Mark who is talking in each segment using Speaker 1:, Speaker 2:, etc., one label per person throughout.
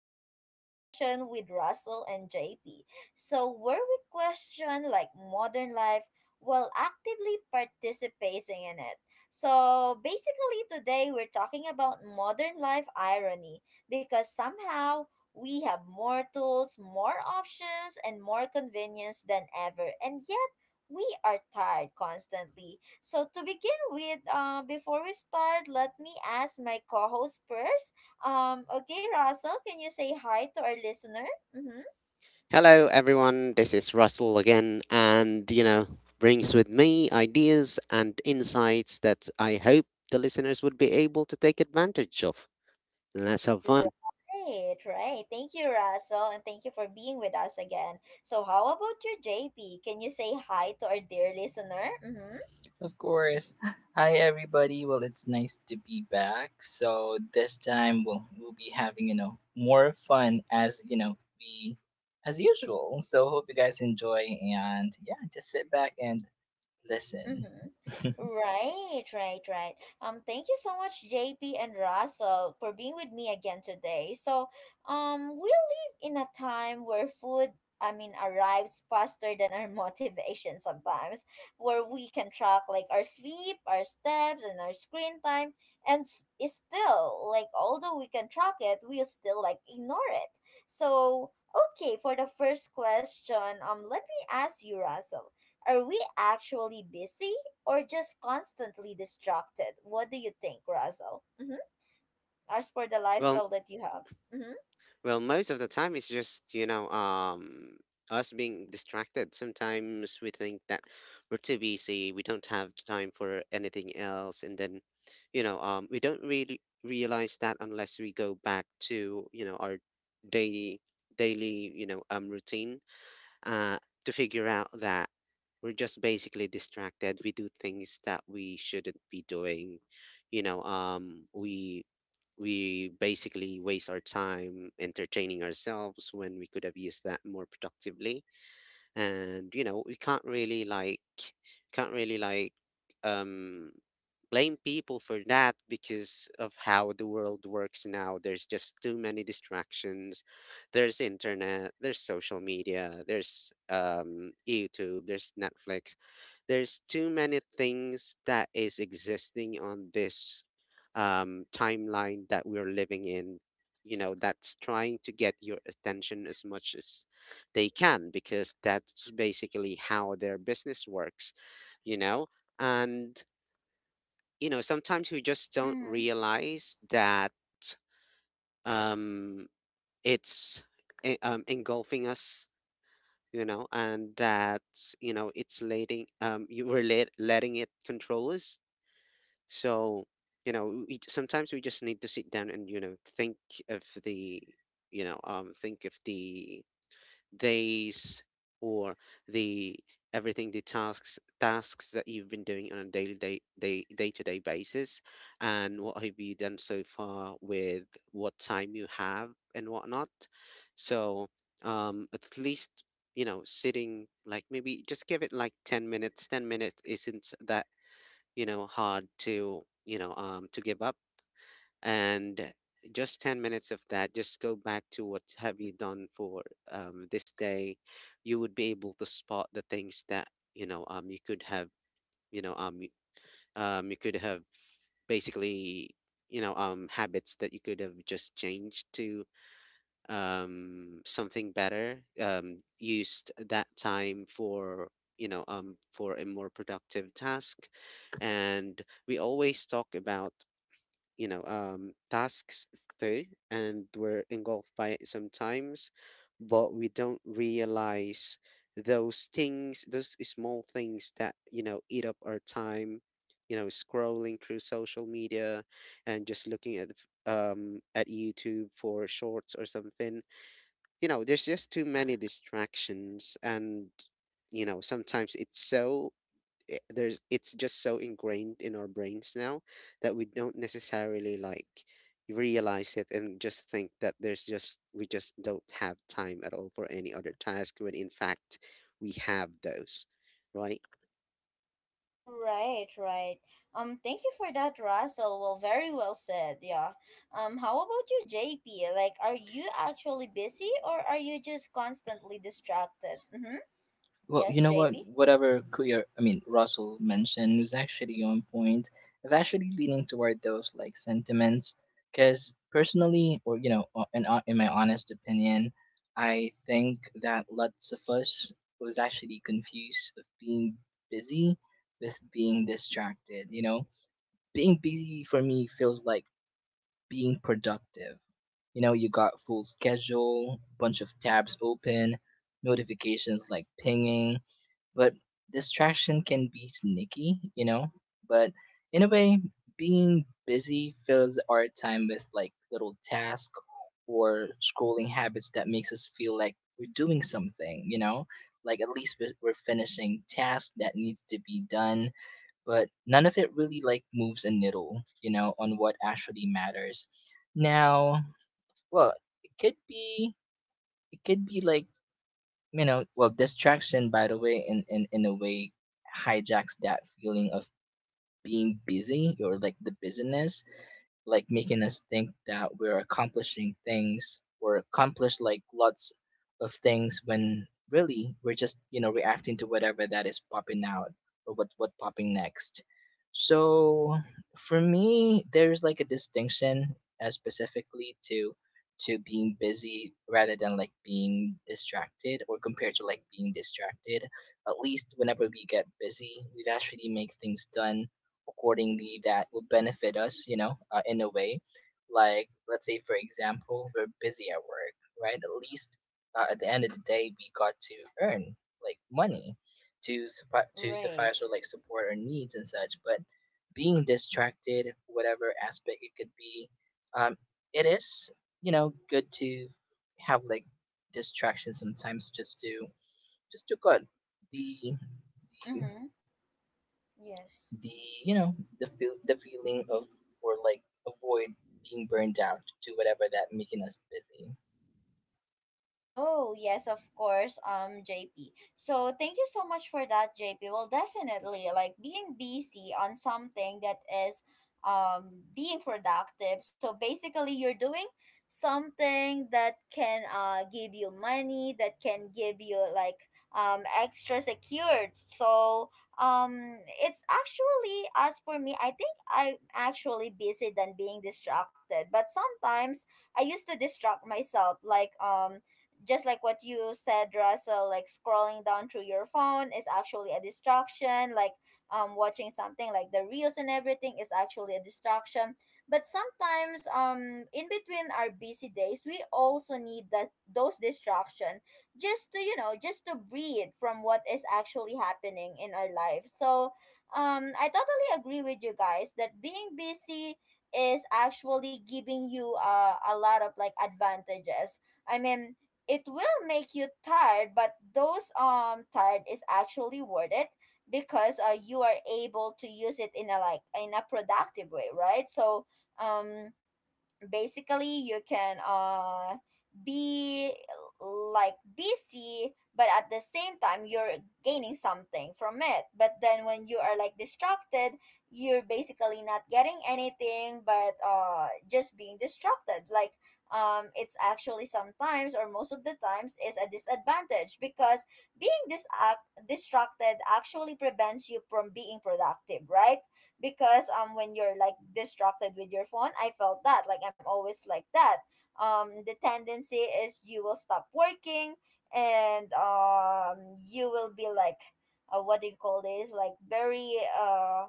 Speaker 1: to another session with Russell and JP. Where we question modern life while actively participating in it. Today we're talking about modern life irony because somehow we have more tools, more options, and more convenience than ever, and yet we are tired constantly. So to begin with, before we start, let me ask my co-host first. Okay, Russell, can you say hi to our listener? Mm-hmm.
Speaker 2: Hello, everyone. This is Russell again, and you know, brings with me ideas and insights that I hope the listeners would be able to take advantage of. Let's have fun.
Speaker 1: Right, right. Thank you, Russell, and thank you for being with us again. So how about you, JP? Can you say hi to our dear listener? Mm-hmm.
Speaker 3: Of course. Hi everybody. Well, it's nice to be back. So this time we'll be having, you know, more fun as, you know, we as usual. So hope you guys enjoy and yeah, just sit back and listen.
Speaker 1: Mm-hmm. Right, right, right. Thank you so much, JP and Russell, for being with me again today. We live in a time where food arrives faster than our motivation sometimes, where we can track our sleep, our steps, and our screen time, and it's still although we can track it, we still ignore it. So, for the first question, let me ask you, Russell, are we actually busy or just constantly distracted? What do you think, Russell? Mm-hmm. As for the
Speaker 2: Well,
Speaker 1: lifestyle that you have. Mm-hmm.
Speaker 2: well, most of the time it's just you know, us being distracted. Sometimes we think that we're too busy, we don't have time for anything else, and then you know, we don't really realize that unless we go back to you know our daily daily you know routine uh, to figure out that we're just basically distracted. We do things that we shouldn't be doing. You know, we basically waste our time entertaining ourselves when we could have used that more productively, and you know we can't really like um blame people for that because of how the world works now. There's just too many distractions. There's internet, there's social media, there's YouTube, there's Netflix. There's too many things that is existing on this timeline that we're living in, you know, that's trying to get your attention as much as they can because that's basically how their business works, you know? And, you know, sometimes we just don't
Speaker 1: Mm-hmm.
Speaker 2: realize that um, it's engulfing us, you know, and that, you know, it's letting it control us. So, you know, sometimes we just need to sit down and, you know, think of the, you know, think of the days or the everything the tasks that you've been doing on a daily day day day to day basis, and what have you done so far with what time you have and whatnot. So at least, you know, sitting like maybe just give it like 10 minutes. 10 minutes isn't that, you know, hard to you know to give up. And just 10 minutes of that, just go back to what have you done for this day, you would be able to spot the things that you know you could have you know you could have basically you know habits that you could have just changed to, something better, used that time for you know for a more productive task. And we always talk about you know, tasks too, and we're engulfed by it sometimes, but we don't realize those things, those small things that, you know, eat up our time, you know, scrolling through social media and just looking at, at YouTube for shorts or something. You know, there's just too many distractions and, you know, sometimes it's just so ingrained in our brains now that we don't necessarily like realize it and just think that there's just we just don't have time at all for any other task when in fact we have those, right?
Speaker 1: Right, right. Thank you for that, Russell. Well, very well said. Yeah. How about you, JP? Are you actually busy or are you just constantly distracted? Mm-hmm.
Speaker 3: Well, you
Speaker 1: Yes,
Speaker 3: know what?
Speaker 1: JP.
Speaker 3: Whatever Kuya, I mean Russell mentioned was actually on point. I'm actually leaning toward those like sentiments because personally, or you know, o- in o- in my honest opinion, I think that lots of us was actually confused of being busy with being distracted. You know, being busy for me feels like being productive. You know, you got full schedule, bunch of tabs open, notifications like pinging but distraction can be sneaky, you know? But in a way, being busy fills our time with like little tasks or scrolling habits that makes us feel like we're doing something, you know? Like at least we're finishing tasks that needs to be done, but none of it really like moves a needle, you know, on what actually matters. Now, well, it could be it could be like you know well distraction, by the way, in a way hijacks that feeling of being busy or like the busyness, like making us think that we're accomplishing things or accomplish like lots of things when really we're just you know reacting to whatever that is popping out or what popping next. So for me there's like a distinction, specifically to being busy rather than like being distracted or compared to like being distracted. At least whenever we get busy we actually make things done accordingly that will benefit us, you know, in a way. Like, let's say, for example, we're busy at work, right? At least, at the end of the day, we got to earn like money to
Speaker 1: Right.
Speaker 3: suffice or like support our needs and such. But being distracted, whatever aspect it could be, um, it is you know good to have like distractions sometimes just to good the
Speaker 1: Mm-hmm. Yes.
Speaker 3: the you know the feeling of or like avoid being burned out to whatever that making us
Speaker 1: Oh, yes, of course, JP. So thank you so much for that, JP. Well, definitely, like being busy on something that is being productive. So basically you're doing something that can give you money, that can give you extra secured. So um it's actually, as for me, I think I'm actually busy than being distracted. But sometimes I used to distract myself just like what you said, Russell, like scrolling down through your phone is actually a distraction. Watching something like the reels and everything is actually a distraction. But sometimes, in between our busy days, we also need that those distraction just to just to breathe from what is actually happening in our life. So, I totally agree with you guys that being busy is actually giving you a lot of advantages. I mean, it will make you tired, but those tired is actually worth it because you are able to use it in a productive way, right? So um basically you can be busy, but at the same time you're gaining something from it. But then when you are distracted, you're basically not getting anything but just being distracted. It's actually sometimes, or most of the times, is a disadvantage because distracted actually prevents you from being productive, right? Because when you're distracted with your phone, I felt that I'm always like that. The tendency is you will stop working, and you will be like what do you call this like very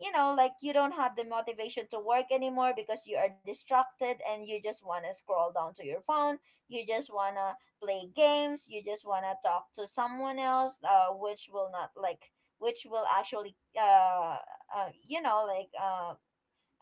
Speaker 1: you know, like you don't have the motivation to work anymore because you are distracted and you just want to scroll down to your phone. You just want to play games. You just want to talk to someone else, which will not like, which will actually, uh, you know, like, uh,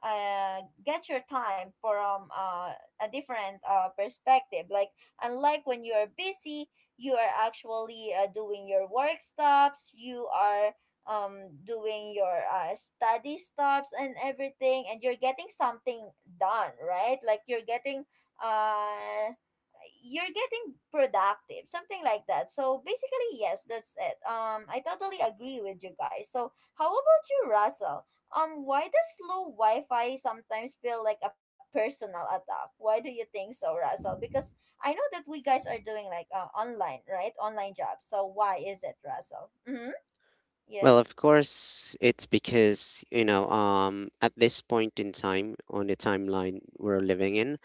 Speaker 1: get your time from a different perspective. Like, unlike when you are busy, you are actually doing your work stops, you are doing your study stops and everything, and you're getting something done, right? Uh, you're getting productive, something like that. So basically yes, that's it. I totally agree with you guys. So how about you, Russell? Why does slow Wi-Fi sometimes feel like a personal attack? Why do you think so, Russell? Because I know that we guys are doing like online, right? Online jobs. So why is it, Russell? Mm-hmm.
Speaker 2: Well,
Speaker 1: Yes.
Speaker 2: of course, it's because, you know, at this point in time on the timeline we're living in,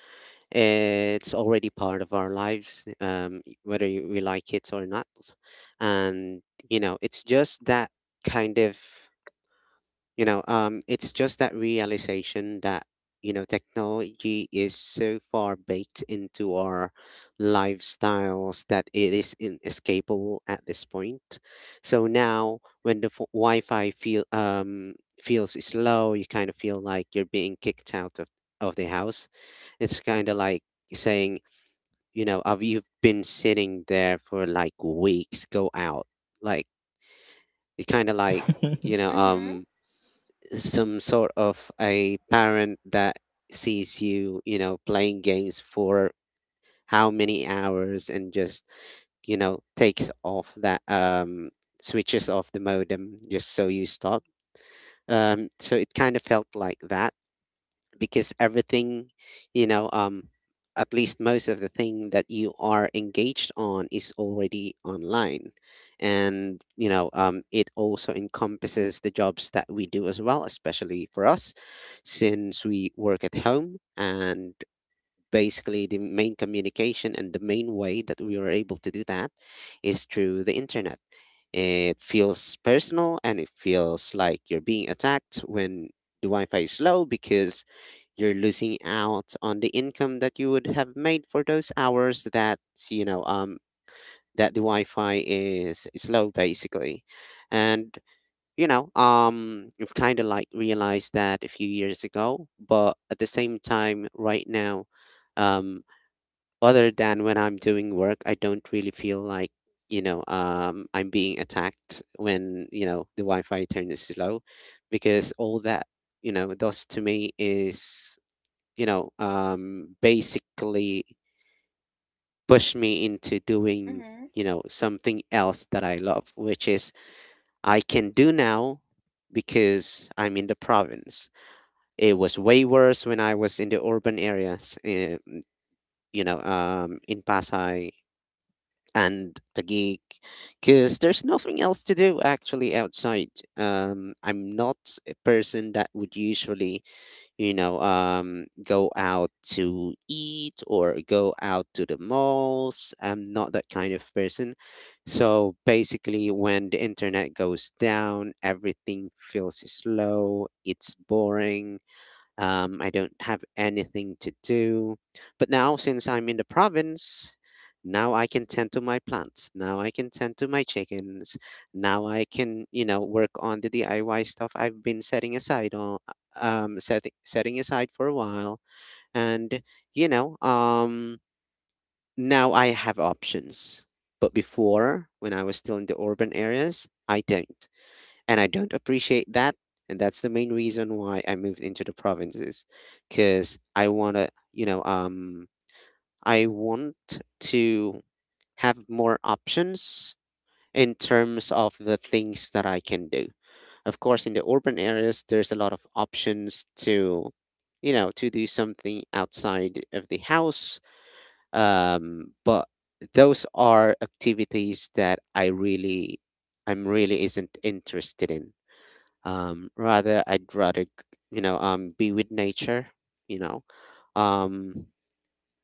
Speaker 2: it's already part of our lives, whether we like it or not. And, you know, it's just that kind of, you know, it's just that realization that, you know, technology is so far baked into our lifestyles that it is inescapable at this point. So now, when the Wi-Fi feels slow, you kind of feel like you're being kicked out of the house. It's kind of like saying, you know, of you've been sitting there for like weeks, go out, like it's kind of like
Speaker 3: busy.
Speaker 2: you know
Speaker 1: Mm-hmm.
Speaker 2: some sort of a parent that sees you, you know, playing games for how many hours and just, you know, takes off that switches off the modem just so you stop. So it kind of felt like that because everything, you know, at least most of the thing that you are engaged on is already online. And you know it also encompasses the jobs that we do as well, especially for us, since we work at home, and basically the main communication and the main way that we are able to do that is through the internet. It feels personal and it feels like you're being attacked when the Wi-Fi is low, because you're losing out on the income that you would have made for those hours that you know that the Wi-Fi is slow basically. And you know I've kind of like realized that a few years ago, but at the same time right now, um other than when I'm doing work, I don't really feel like you know I'm being attacked when you know the Wi-Fi turns slow, because all that you know does to me is you know, basically pushed me into doing,
Speaker 1: Mm-hmm.
Speaker 2: you know, something else that I love, which is I can do now because I'm in the province. It was way worse when I was in the urban areas, you know, in Pasay and Taguig, because there's nothing else to do actually outside. I'm not a person that would usually you know, go out to eat or go out to the malls. I'm not that kind of person. So basically, when the internet goes down, everything feels slow, it's boring, I don't have anything to do. But now, since I'm in the province, now I can tend to my plants. Now I can tend to my chickens. Now I can, you know, work on the DIY stuff I've been setting aside on, setting aside for a while. And, you know, now I have options. But before, when I was still in the urban areas, I don't appreciate that. And that's the main reason why I moved into the provinces, because I wanna, you know, I want to have more options in terms of the things that I can do. Of course, in the urban areas, there's a lot of options to, you know, to do something outside of the house. But those are activities that I'm really isn't interested in. I'd rather, you know, be with nature, you know. Um,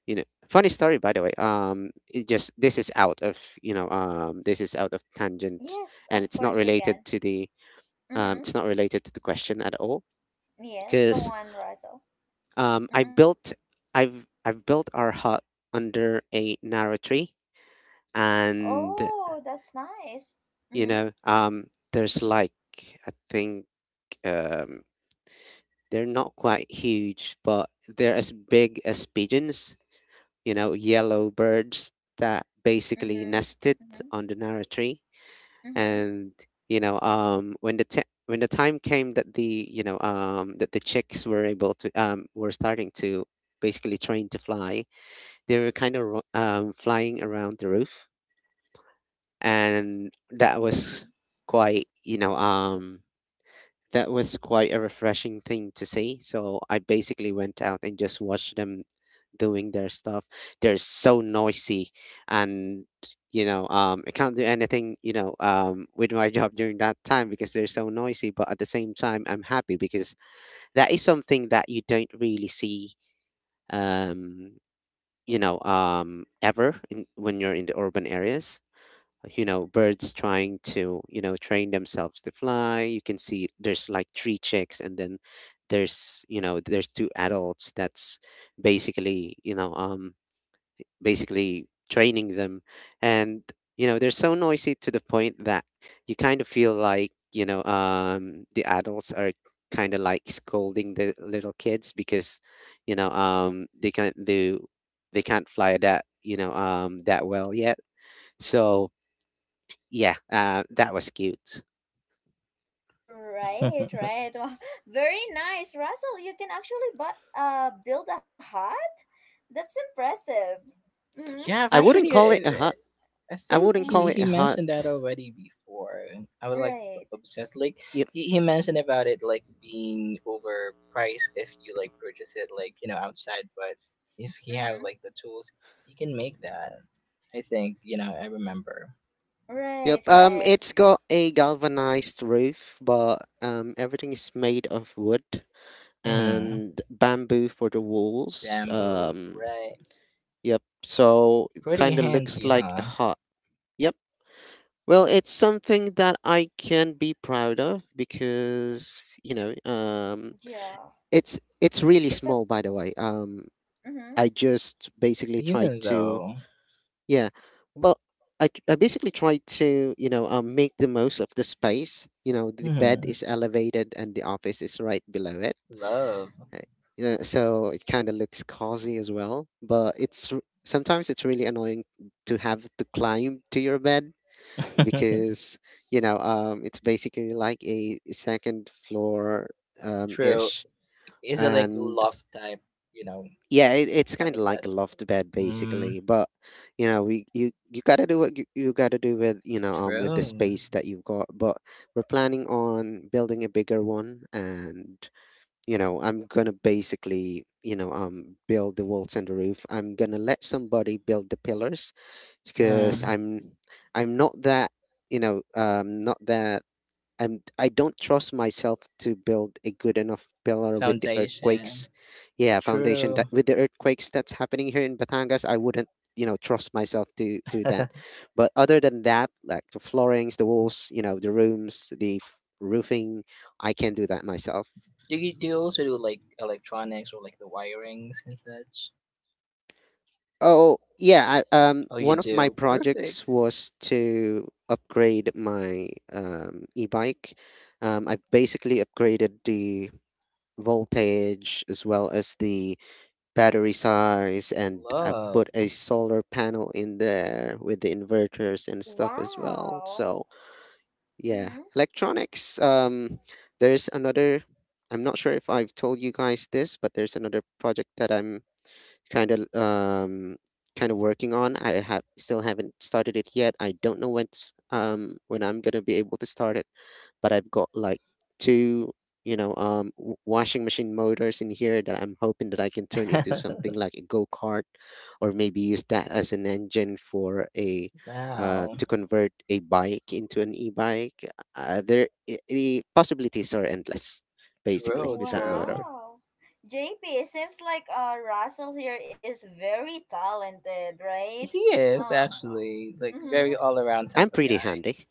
Speaker 2: you know, funny story, by the way. It just this is out of, you know, this is out of tangent,
Speaker 1: Yes,
Speaker 2: and
Speaker 1: of
Speaker 2: it's not
Speaker 1: course you
Speaker 2: related
Speaker 1: can.
Speaker 2: to
Speaker 1: Mm-hmm.
Speaker 2: it's not related to the question at all.
Speaker 1: Yes. Go
Speaker 2: Because
Speaker 1: on, Russell.
Speaker 2: um, I
Speaker 1: Mm-hmm.
Speaker 2: built, I've built our hut under a narrow tree, and
Speaker 1: Oh, that's nice.
Speaker 2: you
Speaker 1: Mm-hmm.
Speaker 2: know, there's like, I think. Um, They're not quite huge, but they're as big as pigeons, you know, yellow birds that basically
Speaker 1: Mm-hmm.
Speaker 2: nested
Speaker 1: Mm-hmm.
Speaker 2: on the Nara tree.
Speaker 1: Mm-hmm.
Speaker 2: And, you know, when when the time came that the, you know, that the chicks were able to, were starting to basically train to fly, they were kind of flying around the roof. And that was
Speaker 1: Mm-hmm.
Speaker 2: quite, you know, that was quite a refreshing thing to see. So I basically went out and just watched them doing their stuff. They're so noisy, and you know, I can't do anything, you know, with my job during that time because they're so noisy. But at the same time, I'm happy because that is something that you don't really see, um, you know, ever when you're in the urban areas. You know, birds trying to you know train themselves to fly, you can see there's like three chicks, and then there's you know there's two adults that's basically you know basically training them. And you know they're so noisy to the point that you kind of feel like you know the adults are kind of like scolding the little kids because you know they can't fly that you know that well yet. So yeah, that was cute.
Speaker 1: Right, right. Wow, very nice, Russell. You can actually but build a hut. That's impressive. Mm-hmm.
Speaker 3: Yeah, I've
Speaker 1: I
Speaker 2: I
Speaker 1: guess.
Speaker 2: wouldn't
Speaker 3: actually,
Speaker 2: call it a hut.
Speaker 3: I
Speaker 2: I
Speaker 3: think
Speaker 2: wouldn't
Speaker 1: Mm-hmm.
Speaker 2: call
Speaker 3: he
Speaker 2: it
Speaker 3: he
Speaker 2: a hut.
Speaker 3: mentioned that already before. I was like
Speaker 1: Right.
Speaker 3: obsessed. Like
Speaker 2: Yep,
Speaker 3: he mentioned about it like being overpriced if you like purchase it like you know outside, but if he
Speaker 1: Mm-hmm.
Speaker 3: have like the tools, he can make that. I think you know I remember.
Speaker 2: yep.
Speaker 1: Right. Right.
Speaker 2: It's got a galvanized roof, but everything is made of wood
Speaker 3: hmm
Speaker 2: and bamboo for the walls.
Speaker 3: Bamboo, right?
Speaker 2: Yep. So it
Speaker 3: Pretty
Speaker 2: kind of looks
Speaker 3: handy,
Speaker 2: like a
Speaker 3: huh?
Speaker 2: hut. Yep. Well, it's something that I can be proud of because you know,
Speaker 1: Yeah.
Speaker 2: it's really
Speaker 1: It's a.
Speaker 2: small, by the way.
Speaker 1: Mm-hmm.
Speaker 2: I just basically tried
Speaker 3: Even
Speaker 2: to.
Speaker 3: though,
Speaker 2: Yeah. Well, I basically try to, you know, make the most of the space. You know, the bed
Speaker 3: hmm,
Speaker 2: is elevated and the office is right below it.
Speaker 3: love.
Speaker 2: Right? You know, so it kind of looks cozy as well. But sometimes it's really annoying to have to climb to your bed because, you know, it's basically like a second floor
Speaker 3: True.
Speaker 2: ish.
Speaker 3: Is it like
Speaker 2: And
Speaker 3: love type, you know,
Speaker 2: Yeah, it's kind
Speaker 3: type
Speaker 2: of
Speaker 3: of
Speaker 2: like
Speaker 3: bed?
Speaker 2: a loft bed
Speaker 3: Mm,
Speaker 2: basically, but you know we you you gotta do what you gotta do with with the
Speaker 3: true.
Speaker 2: space that you've got. But we're planning on building a bigger one, and I'm gonna basically build the walls and the roof. I'm gonna let somebody build the pillars because
Speaker 3: Mm,
Speaker 2: I'm not that not that I don't trust myself to build a good enough pillar with the
Speaker 3: foundation.
Speaker 2: earthquakes. Yeah, foundation,
Speaker 3: True.
Speaker 2: that with the earthquakes that's happening here in Batangas, I wouldn't, trust myself to do that.
Speaker 3: Do
Speaker 2: But other than that, like the floorings, the walls, you know, the rooms, roofing, I can do that myself.
Speaker 3: do you also do like electronics or like the wirings and such?
Speaker 2: Oh, yeah,
Speaker 3: Oh, you
Speaker 2: one of my
Speaker 3: do.
Speaker 2: projects
Speaker 3: Perfect.
Speaker 2: was to upgrade my e-bike. I basically upgraded the voltage as well as the battery size, and I
Speaker 3: Love.
Speaker 2: put a solar panel in there with the inverters and stuff as well.
Speaker 1: Wow.
Speaker 2: So yeah,
Speaker 1: Mm-hmm.
Speaker 2: electronics. There's another. I'm not sure if I've told you guys this, but there's another project that I'm kind of um kind of working on. I have Still haven't started it yet. I don't know when I'm gonna be able to start it, but I've got like two washing machine motors in here that I'm hoping that I can turn into something like a go kart, or maybe use that as an engine for a
Speaker 3: Wow.
Speaker 2: to convert a bike into an e bike. The possibilities are endless, basically,
Speaker 3: True,
Speaker 2: with that
Speaker 3: true.
Speaker 2: motor.
Speaker 1: Wow. JP, it seems like Russell here is very talented, right?
Speaker 3: He is
Speaker 1: Uh.
Speaker 3: actually like
Speaker 1: Mm-hmm.
Speaker 3: very all around
Speaker 2: I'm
Speaker 3: type of
Speaker 2: pretty
Speaker 3: guy.
Speaker 2: handy.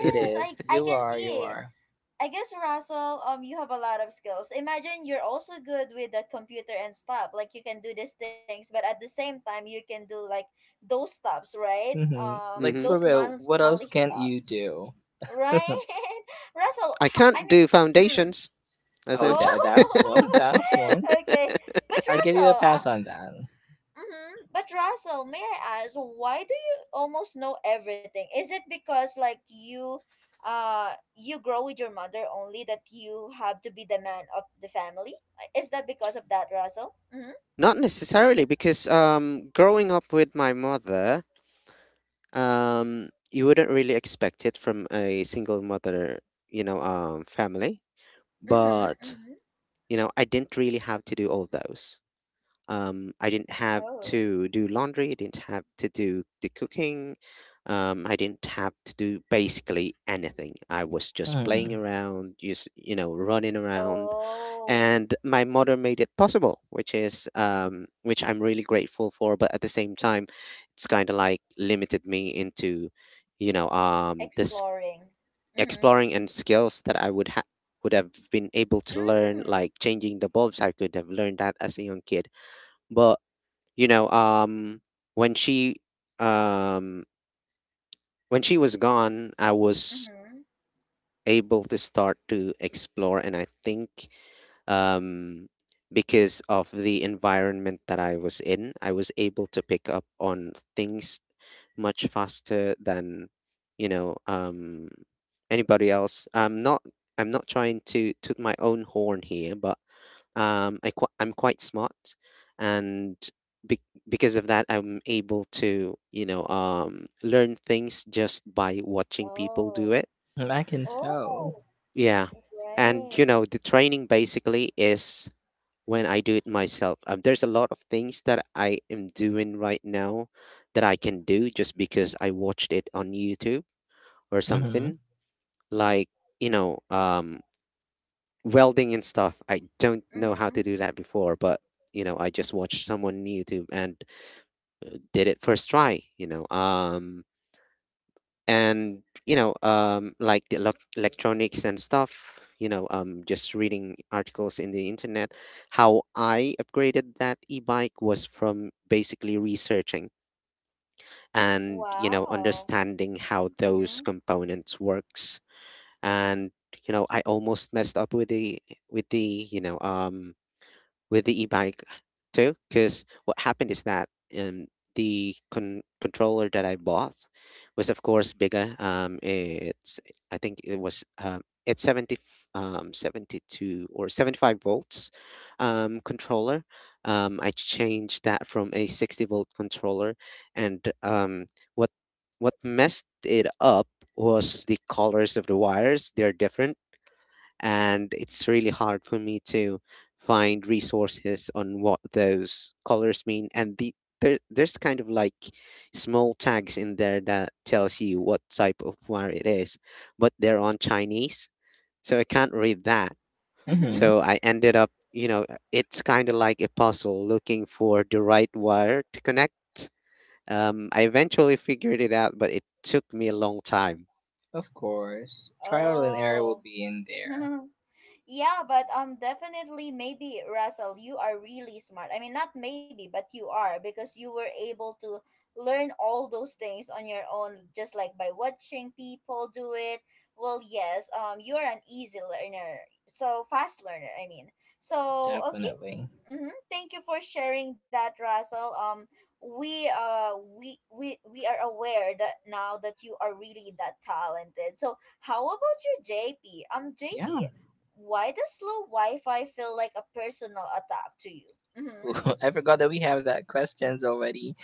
Speaker 3: It
Speaker 1: I
Speaker 3: is. You
Speaker 1: can
Speaker 3: are. You
Speaker 1: see.
Speaker 3: are.
Speaker 1: I guess, Russell, you have a lot of skills. Imagine you're also good with the computer and stuff. Like you can do these things, but at the same time, you can do like those stops, right?
Speaker 3: Like,
Speaker 2: Mm-hmm.
Speaker 3: for real, what else
Speaker 1: Monthly
Speaker 3: can you
Speaker 1: stops,
Speaker 3: do?
Speaker 1: right? Russell,
Speaker 2: I
Speaker 1: I
Speaker 2: can't
Speaker 1: mean,
Speaker 2: do
Speaker 1: mm,
Speaker 2: foundations, as
Speaker 3: Oh,
Speaker 2: if.
Speaker 3: that's one.
Speaker 1: oh,
Speaker 3: That's one.
Speaker 1: okay. But
Speaker 3: I give you a
Speaker 1: Russell,
Speaker 3: pass on that.
Speaker 1: Mm-hmm. But Russell, may I ask, why do you almost know everything? Is it because you, you grow with your mother only that you have to be the man of the family? Is that because of that, Russell? Mm-hmm.
Speaker 2: not necessarily, because growing up with my mother, you wouldn't really expect it from a single mother, family.
Speaker 1: Mm-hmm. Mm-hmm.
Speaker 2: But, you know, I didn't really have to do all those. I didn't have
Speaker 1: Oh.
Speaker 2: to do laundry. I didn't have to do the cooking. I didn't have to do basically anything. I was just
Speaker 3: Mm,
Speaker 2: playing around, just, you know, running around,
Speaker 1: Oh.
Speaker 2: and my mother made it possible, which is which I'm really grateful for. But at the same time, it's kind of like limited me into, this
Speaker 1: Exploring. Mm-hmm.
Speaker 2: exploring and skills that I would have been able to learn,
Speaker 1: Mm.
Speaker 2: like changing the bulbs. I could have learned that as a young kid, but you know um when she um when she was gone, I was
Speaker 1: Mm-hmm.
Speaker 2: able to start to explore. And I think um because of the environment that I was in, I was able to pick up on things much faster than you know um anybody else. I'm not trying to toot my own horn here, but I'm quite smart, and be- because of that, I'm able to, learn things just by watching people do
Speaker 1: Oh.
Speaker 2: it.
Speaker 3: I can tell.
Speaker 1: Oh.
Speaker 2: Yeah, and,
Speaker 1: Right.
Speaker 2: you know, the training basically is when I do it myself. There's a lot of things that I am doing right now that I can do just because I watched it on YouTube or
Speaker 3: Mhm.
Speaker 2: something, like you know um welding and stuff. I don't know how
Speaker 1: Mm-hmm.
Speaker 2: to do that before, but, you know, I just watched someone on YouTube and did it first try, you know. And, you know, um, like the elec electronics and stuff, you know, um, just reading articles in the internet, how I upgraded that e-bike was from basically researching and, you know,
Speaker 1: Wow.
Speaker 2: understanding how those
Speaker 1: Mm-hmm.
Speaker 2: components works. And, you know, I almost messed up with the with the, you know, um with the e-bike too, because what happened is that um, controller that I bought was, of course, bigger. Um, it's, I think it was it's 70 72 or 75 volts controller. Um, I changed that from a 60-volt controller. And what what messed it up was the colors of the wires. They're different, and it's really hard for me to find resources on what those colors mean. And there's kind of like small tags in there that tells you what type of wire it is, but they're on chinese, so I can't read that.
Speaker 3: Mhm.
Speaker 2: So I ended up, you know, it's kind of like a puzzle looking for the right wire to connect. Um, I eventually figured it out, but it took me a long time.
Speaker 3: Of course, trial and error will
Speaker 1: oh.
Speaker 3: be in there.
Speaker 1: Yeah, but definitely, maybe Russell, you are really smart. I mean, not maybe, but you are, because you were able to learn all those things on your own just like by watching people do it. Well, yes, you're an easy learner. So fast learner, I mean. So, okay,
Speaker 3: Definitely.
Speaker 1: Mm-hmm. Thank you for sharing that, Russell. We uh we we are aware that now that you are really that talented. So how about you, JP?
Speaker 3: Yeah.
Speaker 1: JP, why does slow Wi-Fi feel like a personal attack to you? Mm-hmm.
Speaker 3: Ooh, I forgot that we have that questions already.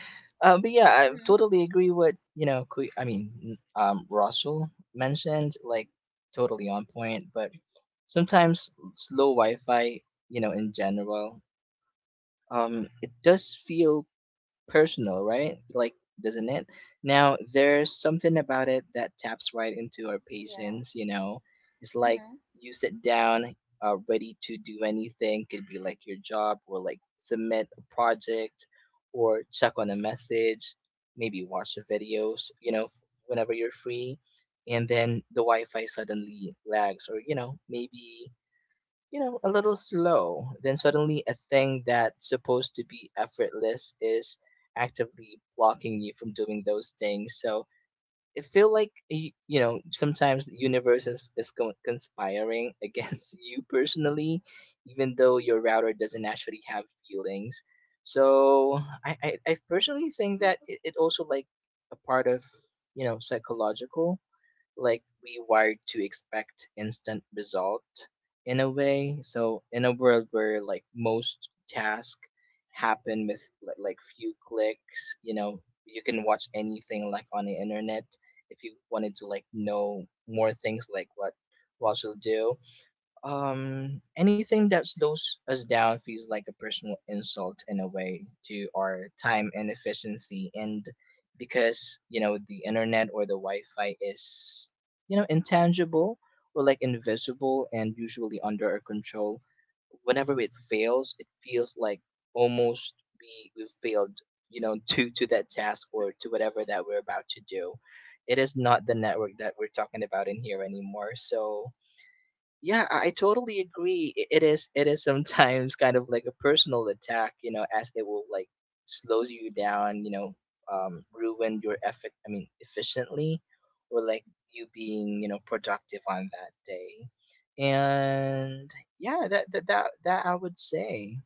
Speaker 3: But yeah, I
Speaker 1: Mm-hmm.
Speaker 3: totally agree with you know. I mean, Russell mentioned like totally on point. But sometimes slow wi-fi, you know, in general, it does feel personal, right? Like, doesn't it? Now there's something about it that taps right into our
Speaker 1: Yeah.
Speaker 3: patience, you know? It's like you sit down, ready to do anything, could be like your job or like submit a project or check on a message, maybe watch the videos, you know, whenever you're free. And then the wi-fi suddenly lags or you know maybe, you know, a little slow. Then suddenly a thing that's supposed to be effortless is actively blocking you from doing those things. So it feel like, you know, sometimes the universe is conspiring against you personally, even though your router doesn't actually have feelings. So I personally think that it also like a part of psychological, like we wired to expect instant result in a way. So in a world where like most tasks happen with like few clicks, you know, you can watch anything like on the internet if you wanted to like know more things like what Russell do. Anything that slows us down feels like a personal insult, in a way, to our time and efficiency. And because, you know, the internet or the Wi Fi is, you know, intangible or like invisible and usually under our control, whenever it fails, it feels like almost we failed, you know, to that task or to whatever that we're about to do. It is not the network that we're talking about in here anymore. So yeah, I totally agree. It is sometimes kind of like a personal attack, you know, as it will like slows you down, you know, ruin your effort. I mean, efficiently, or like you being productive on that day, and yeah, that I would say.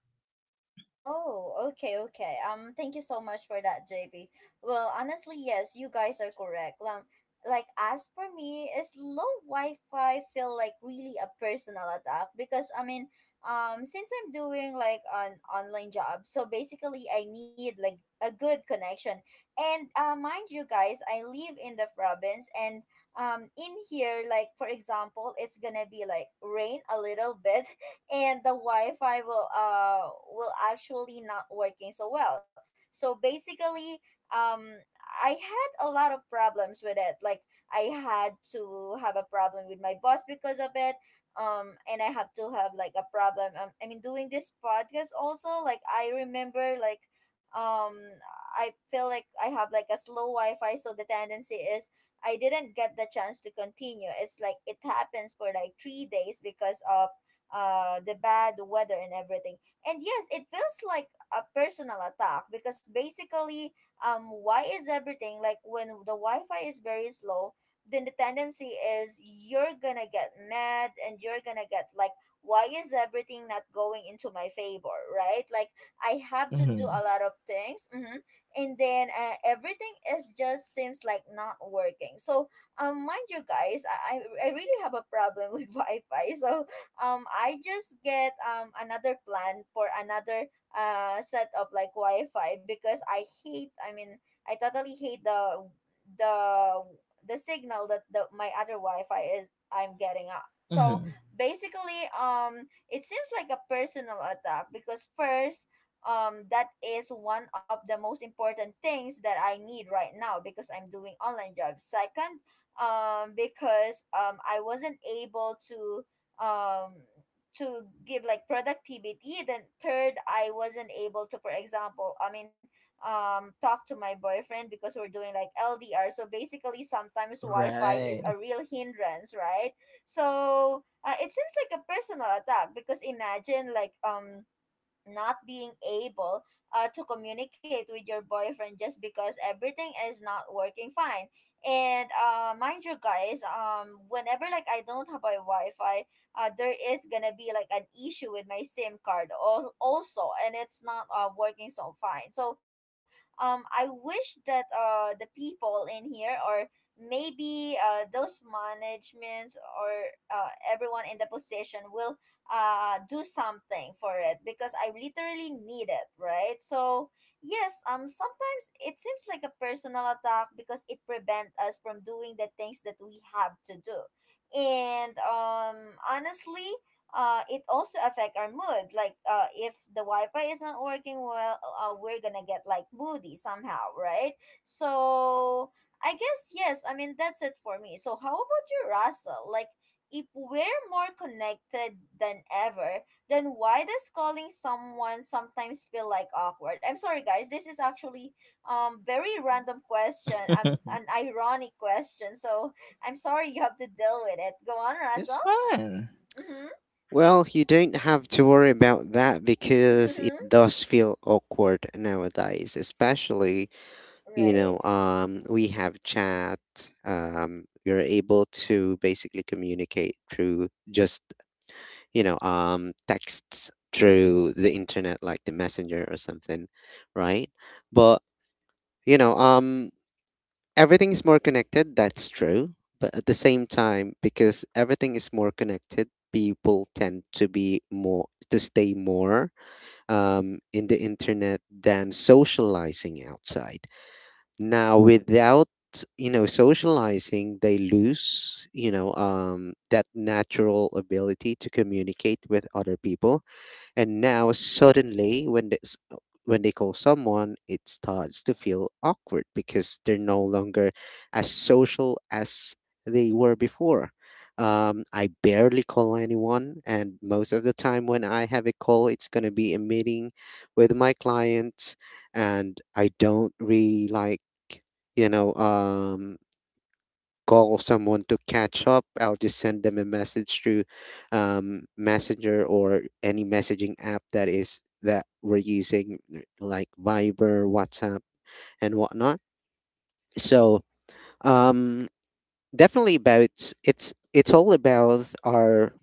Speaker 1: Oh, okay, okay. Thank you so much for that, JB. Well, honestly, yes, you guys are correct. Like as for me, is low Wi-Fi feel like really a personal attack? Because I mean, since I'm doing like an online job, so basically I need like a good connection. And mind you guys, I live in the province, and in here, like for example, it's gonna be like rain a little bit and the Wi-Fi will actually not working so well. So basically, um, I had a lot of problems with it. Like I had to have a problem with my boss because of it. And I have to have like a problem. I mean, doing this podcast also, like I remember, um, I feel like I have like a slow Wi-Fi, so the tendency is I didn't get the chance to continue. It's like it happens for like 3 days because of the bad weather and everything. And yes, it feels like a personal attack because basically why is everything like when the Wi-Fi is very slow, then the tendency is you're gonna get mad, and you're gonna get like, why is everything not going into my favor, right? Like I have to do
Speaker 3: Mm-hmm.
Speaker 1: a lot of things. Hmm. And then everything is just seems like not working. So, mind you guys, i i I really have a problem with Wi-Fi. So, I just get another plan for another set of like Wi-Fi because I hate, I mean, I totally hate the the signal that the my other Wi-Fi is I'm getting up. So
Speaker 3: Mm-hmm.
Speaker 1: basically it seems like a personal attack because, first, that is one of the most important things that I need right now because I'm doing online jobs. Second, because I wasn't able um to give like productivity. Then third, I wasn't able to, for example, I mean, talk to my boyfriend because we're doing like LDR. So basically, sometimes Wi-Fi is
Speaker 3: Right.
Speaker 1: a real hindrance, right? So it seems like a personal attack because imagine not being able to communicate with your boyfriend just because everything is not working fine. And mind you, guys, whenever I don't have my Wi-Fi, there is gonna be like an issue with my SIM card also, and it's not working so fine. So I wish that the people in here, or maybe those managements, or everyone in the position will do something for it because I literally need it, right? So yes, sometimes it seems like a personal attack because it prevents us from doing the things that we have to do. And honestly, it also affect our mood. Like, if the Wi-Fi is not working well, we're gonna get like moody somehow, right? So I guess yes. I mean, that's it for me. So how about you, Russell? Like, if we're more connected than ever, then why does calling someone sometimes feel like awkward? I'm sorry, guys. This is actually very random question. An ironic question. I'm sorry you have to deal with it. Go on,
Speaker 3: It's
Speaker 1: Russell.
Speaker 3: fun.
Speaker 1: Mhm.
Speaker 2: Well, you don't have to worry about that, because it
Speaker 1: Mhm.
Speaker 2: does feel awkward nowadays, especially,
Speaker 1: Right.
Speaker 2: we have chat. You're able to basically communicate through just, texts through the internet, like the messenger or something, right? But, you know, um, everything is more connected, that's true. But at the same time, because everything is more connected, people tend to be more to stay more in the internet than socializing outside. Now, without, socializing, they lose, that natural ability to communicate with other people. And now suddenly, when when they call someone, it starts to feel awkward because they're no longer as social as they were before. I barely call anyone, and most of the time when I have a call, it's going to be a meeting with my client, and I don't really like, you know, um, call someone to catch up. I'll just send them a message through Messenger or any messaging app that we're using, like Viber, WhatsApp, and whatnot. So um, definitely about, it's all about our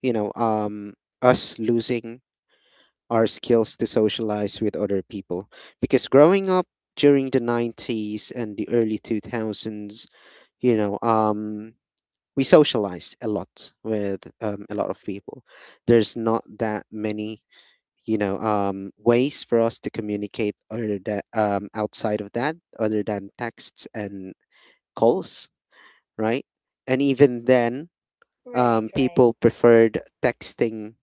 Speaker 2: you know um, us losing our skills to socialize with other people, because growing up during the 90s and the early 2000s, you know um we socialize a lot with a lot of people. There's not that many, ways for us to communicate other than outside of that, other than texts and calls, right? And even then,
Speaker 1: Right. Right.
Speaker 2: people preferred texting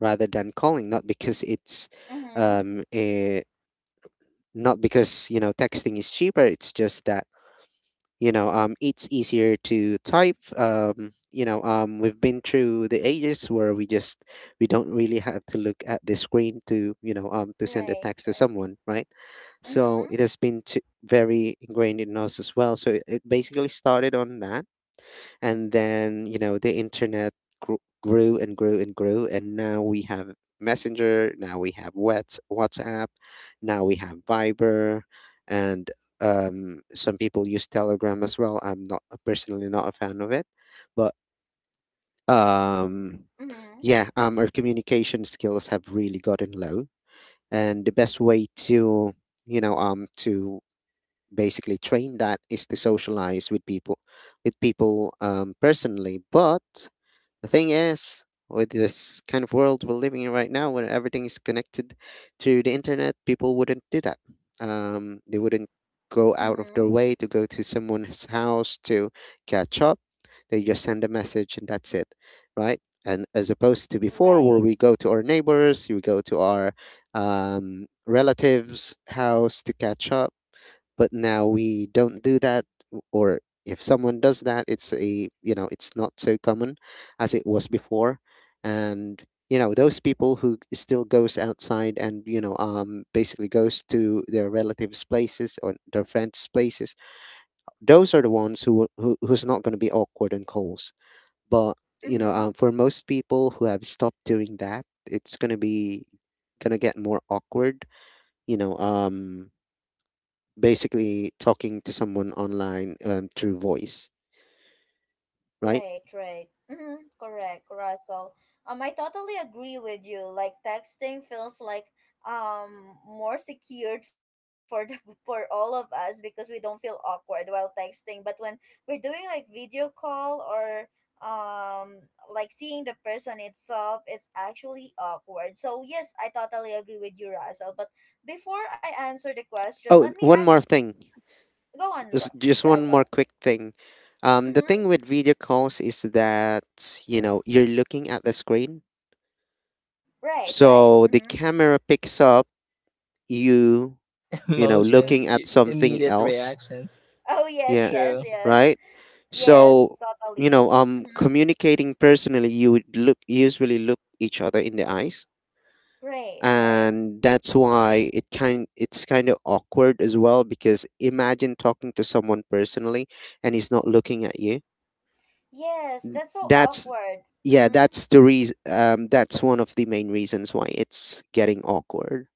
Speaker 2: rather than calling, not because it's
Speaker 1: Mhm.
Speaker 2: um, eh, not because, you know, texting is cheaper. It's just that, you know, um, it's easier to type. Um, you know, um, we've been through the ages where we don't really have to look at the screen to, to send a
Speaker 1: Right.
Speaker 2: text to
Speaker 1: Right.
Speaker 2: someone, right?
Speaker 1: Mhm.
Speaker 2: So it has been very ingrained in us as well. So it basically started on that, and then, you know, the internet grew and grew and grew. And now we have messenger, now we have whatsapp, now we have viber, and some people use telegram as well. I'm not personally not a fan of it, but um,
Speaker 1: Mhm.
Speaker 2: yeah, our communication skills have really gotten low. And the best way to, to basically train that is to socialize with people, personally. But the thing is, with this kind of world we're living in right now, where everything is connected to the internet, people wouldn't do that. They wouldn't go out of their
Speaker 1: Mhm.
Speaker 2: way to go to someone's house to catch up. They just send a message, and that's it, right? And as opposed to before, where
Speaker 1: Right.
Speaker 2: we go to our neighbors, we go to our relatives' house to catch up, but now we don't do that. W- or If someone does that, it's a, you know, it's not so common as it was before. And, you know, those people who still goes outside and, you know, um, basically goes to their relatives places or their friends places, those are the ones who's not going to be awkward on calls. But, you know,
Speaker 1: Mhm.
Speaker 2: for most people who have stopped doing that, it's going to get more awkward, you know, um, basically talking to someone online through voice, right?
Speaker 1: Right, right. Mm-hmm, correct, Russell. I totally agree with you. Like, texting feels like more secured for for all of us because we don't feel awkward while texting. But when we're doing like video call or um like seeing the person itself, it's actually awkward. So yes, I totally agree with you, Russell. But before I answer the question, let
Speaker 2: Oh,
Speaker 1: me
Speaker 2: one
Speaker 1: ask.
Speaker 2: more thing,
Speaker 1: Go on,
Speaker 2: just one more
Speaker 1: Russell.
Speaker 2: quick thing. The
Speaker 1: Mm-hmm.
Speaker 2: thing with video calls is that, you know, you're looking at the screen,
Speaker 1: Right, right.
Speaker 2: so the
Speaker 1: Mm-hmm.
Speaker 2: camera picks up you, you know,
Speaker 3: Emotions,
Speaker 2: looking
Speaker 1: Mm-hmm.
Speaker 2: at something
Speaker 3: immediate
Speaker 2: else.
Speaker 3: reactions.
Speaker 1: Oh yes,
Speaker 2: Yeah,
Speaker 1: yes,
Speaker 3: True.
Speaker 1: yes.
Speaker 2: right.
Speaker 1: Yes,
Speaker 2: So you know,
Speaker 1: totally.
Speaker 2: um,
Speaker 1: Mm-hmm.
Speaker 2: communicating personally, you would look usually look each other in the eyes,
Speaker 1: Right, right.
Speaker 2: and that's why it's kind of awkward as well, because imagine talking to someone personally and he's not looking at you.
Speaker 1: Yes,
Speaker 2: N-
Speaker 1: that's so
Speaker 2: that's
Speaker 1: awkward.
Speaker 2: yeah
Speaker 1: Mm-hmm.
Speaker 2: that's the reason, that's one of the main reasons why it's getting awkward,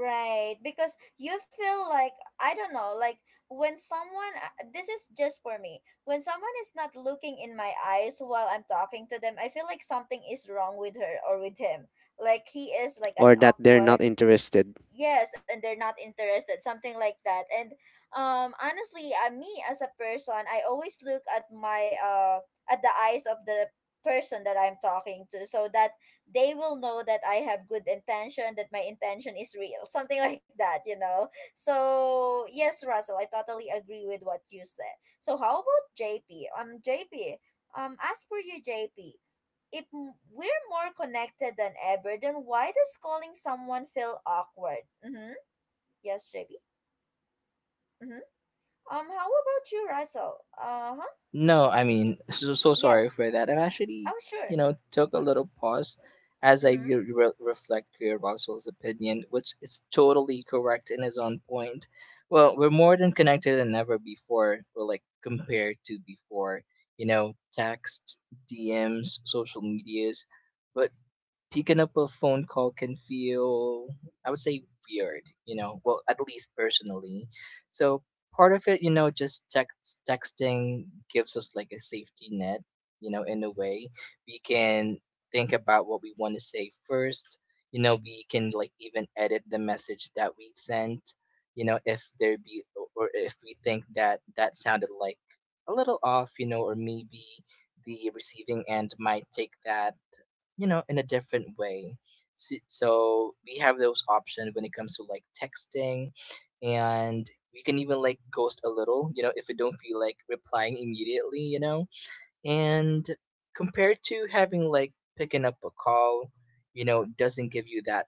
Speaker 1: Right, because you feel like I don't know, like when someone this is just for me. When someone is not looking in my eyes while I'm talking to them, I feel like something is wrong with her or with him. Like he is like an
Speaker 2: or that they're not
Speaker 1: awkward
Speaker 2: interested.
Speaker 1: yes, and they're not interested, something like that. And honestly, me as a person, I always look at my at the eyes of the person that I'm talking to, so that they will know that I have good intention, that my intention is real, something like that, so yes, Russell, I totally agree with what you said. So how about JP? JP, as for you, JP, we're more connected than ever, then why does calling someone feel awkward? Mm-hmm. Yes, JB. Mm-hmm. How about you, Russell? Uh huh.
Speaker 3: No, I mean, so, so sorry
Speaker 1: Yes.
Speaker 3: for that. I'm actually,
Speaker 1: Oh, sure.
Speaker 3: took a little pause as I
Speaker 1: Mm-hmm.
Speaker 3: reflect Greer Russell's opinion, which is totally correct and is on point. Well, we're more than connected than ever before. We're like compared to before, you know, text, DMs, social medias. But picking up a phone call can feel, I would say, weird, you know, well, at least personally. So part of it, you know, just texting gives us like a safety net, you know, in a way. We can think about what we want to say first, you know, we can like even edit the message that we sent, you know, if there be, or if we think that that sounded like a little off, you know, or maybe the receiving end might take that, you know, in a different way. So, we have those options when it comes to like texting, and we can even like ghost a little, you know, if we don't feel like replying immediately, you know. And compared to having like picking up a call, you know, doesn't give you that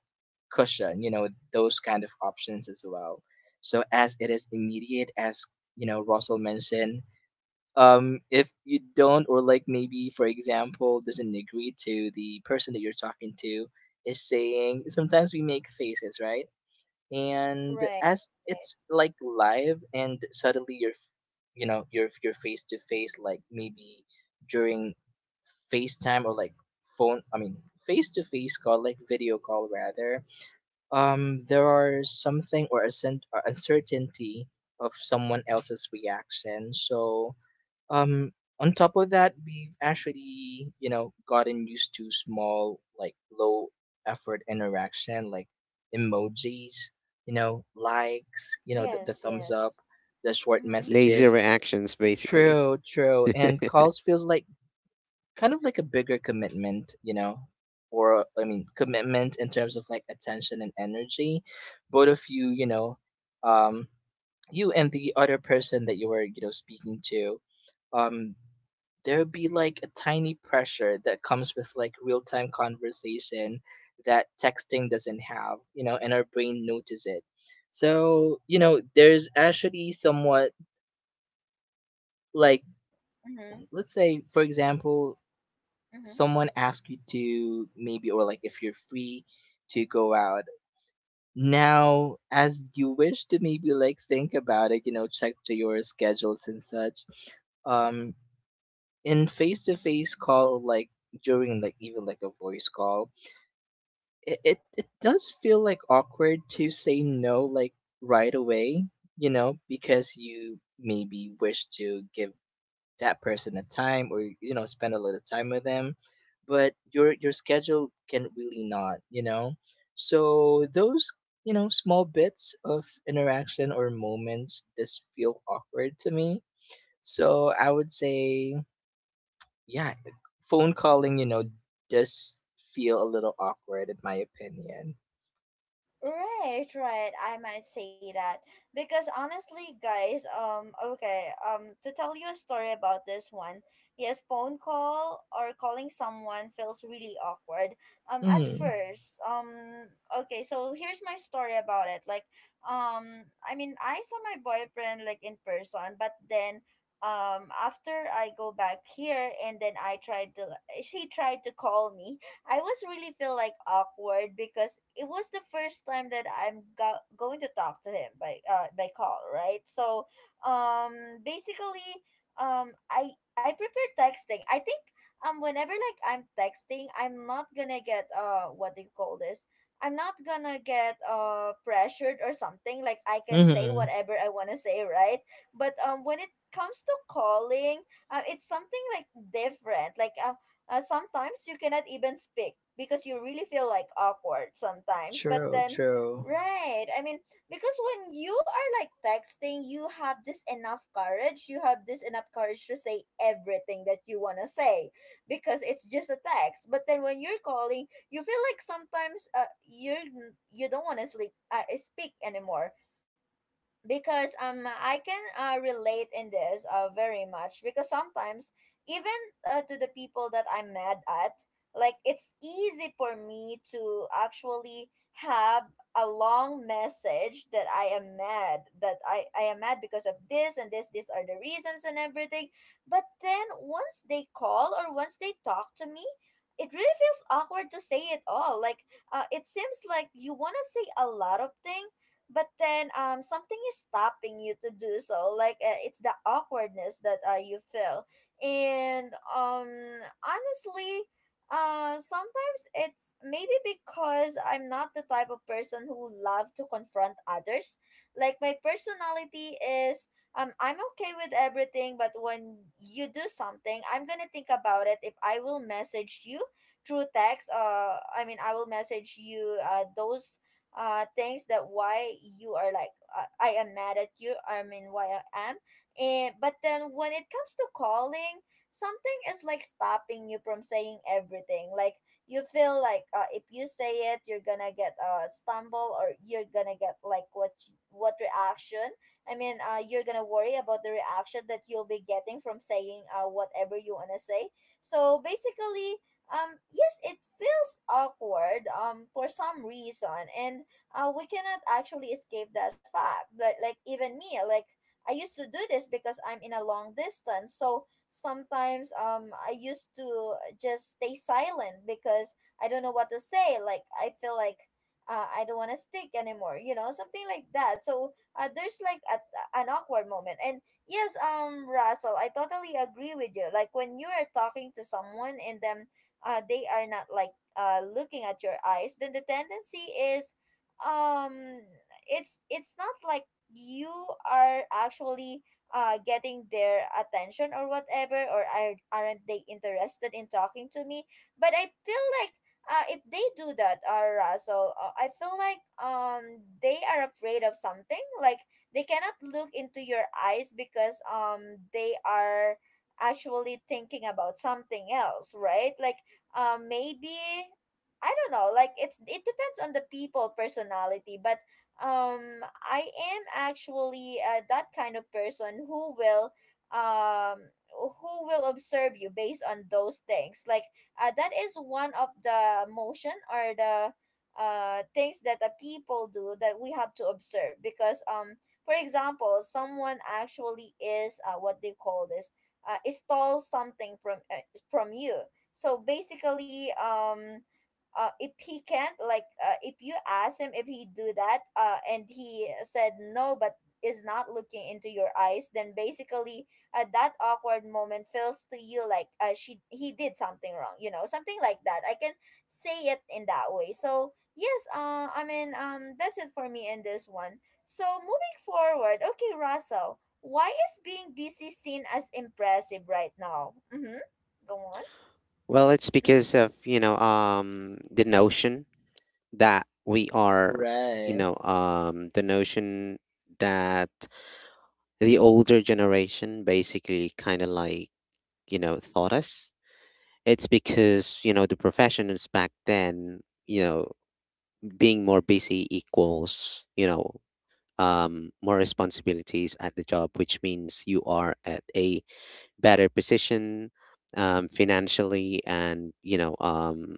Speaker 3: cushion, you know, those kind of options as well. So as it is immediate, as, you know, Russell mentioned. If you don't, or like maybe for example doesn't agree to the person that you're talking to is saying, sometimes we make faces, right? And
Speaker 1: Right.
Speaker 3: as it's like live and suddenly you're, you know, you're face to face like maybe during facetime or like phone, I mean face to face call, like video call rather. There are something or or uncertainty of someone else's reaction. So, um, on top of that, we've actually, you know, gotten used to small, like low effort interaction, like emojis, you know, likes, you know, the
Speaker 1: Yes.
Speaker 3: thumbs up,
Speaker 1: Yes.
Speaker 3: the short
Speaker 1: Mm-hmm.
Speaker 2: Lazy
Speaker 3: messages.
Speaker 2: reactions, basically.
Speaker 3: True, true. And calls feels like kind of like a bigger commitment, you know, or I mean, commitment in terms of like attention and energy. Both of you, you know, um, you and the other person that you were speaking to. um there would be like a tiny pressure that comes with like real time conversation that texting doesn't have, you know, and our brain notices it. So, you know, there's actually somewhat like,
Speaker 1: Mm-hmm.
Speaker 3: let's say, for example,
Speaker 1: Mm-hmm.
Speaker 3: someone asks you to maybe, or like if you're free to go out. Now, as you wish to maybe like think about it, you know, check to your schedules and such. Um, in face to face call, like during like even like a voice call, it does feel like awkward to say no like right away, you know, because you maybe wish to give that person a time or you know spend a little time with them, but your schedule can really not, you know. So those, you know, small bits of interaction or moments just feel awkward to me. So I would say, yeah, phone calling, you know, does feel a little awkward in my opinion.
Speaker 1: Right, right. I might say that because honestly, guys, okay, to tell you a story about this one, yes, phone call or calling someone feels really awkward. At
Speaker 3: Mhm.
Speaker 1: first, okay, so here's my story about it. Like, I mean, I saw my boyfriend like in person, but then, after I go back here and then I tried to, she tried to call me, I was really feel like awkward because it was the first time that I'm going to talk to him by call, right? So, basically, I prefer texting. I think whenever like I'm texting, I'm not gonna get what do you call this? I'm not gonna get pressured or something. Like, I can say
Speaker 3: Mhm.
Speaker 1: whatever I wanna say, right? But when it comes to calling, it's something like different. Like sometimes you cannot even speak because you really feel like awkward sometimes, but
Speaker 3: True,
Speaker 1: then
Speaker 3: true.
Speaker 1: right, I mean, because when you are like texting, you have this enough courage, you have this enough courage to say everything that you want to say because it's just a text. But then when you're calling, you feel like sometimes you're you don't want to sleep speak anymore, because I can relate in this very much because sometimes even to the people that I'm mad at, like, it's easy for me to actually have a long message that I am mad, that I am mad because of this and this, these are the reasons and everything. But then once they call or once they talk to me, it really feels awkward to say it all. Like, it seems like you want to say a lot of things, but then something is stopping you to do so. Like, it's the awkwardness that you feel. And honestly, sometimes it's maybe because I'm not the type of person who love to confront others. Like, my personality is I'm okay with everything. But when you do something, I'm gonna think about it. If I will message you through text, I mean, I will message you those things that why you are like, I am mad at you, I mean, why I am. And but then when it comes to calling, something is like stopping you from saying everything. Like, you feel like, if you say it, you're gonna get a stumble, or you're gonna get like what reaction, I mean, you're gonna worry about the reaction that you'll be getting from saying whatever you wanna say. So basically, yes, it feels awkward for some reason. And we cannot actually escape that fact, like even me, like, I used to do this because I'm in a long distance, so sometimes I used to just stay silent because I don't know what to say. Like, I feel like, I don't want to speak anymore, you know, something like that. So there's like a, an awkward moment. And yes, Russell, I totally agree with you. Like, when you are talking to someone and then they are not like looking at your eyes, then the tendency is um it's not like you are actually getting their attention or whatever, or are, aren't they interested in talking to me. But I feel like, if they do that, Russell, I feel like they are afraid of something. Like, they cannot look into your eyes because they are actually thinking about something else, right? Like, maybe I don't know. Like, it's it depends on the people personality. But I am actually that kind of person um who will observe you based on those things. Like, that is one of the motion or the things that the people do that we have to observe. Because for example, someone actually is what they call this, stole something from you. So basically, if he can't like, if you ask him if he do that, and he said no but is not looking into your eyes, then basically, that awkward moment feels to you like, she he did something wrong, you know, something like that. I can say it in that way. So yes, I mean, that's it for me in this one. So moving forward, okay, Russell, why is being busy seen as impressive right now? Mm-hmm. Go on.
Speaker 2: Well it's
Speaker 1: Mm-hmm.
Speaker 2: because of, the notion that we are,
Speaker 3: Right.
Speaker 2: the notion that the older generation basically kind of like, you know, thought us. It's because, you know, the professionals back then, you know, being more busy equals, you know, more responsibilities at the job, which means you are at a better position, financially, and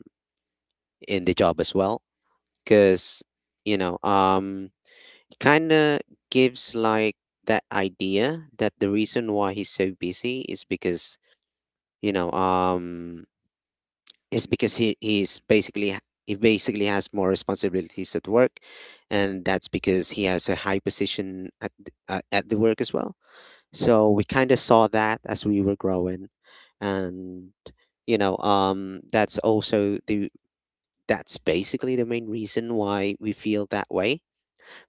Speaker 2: in the job as well, because you know um, kind of gives like that idea that the reason why he's so busy is because, you know um is because he basically has more responsibilities at work, and that's because he has a high position at at the work as well. So we kind of saw that as we were growing, and that's also the, that's basically the main reason why we feel that way.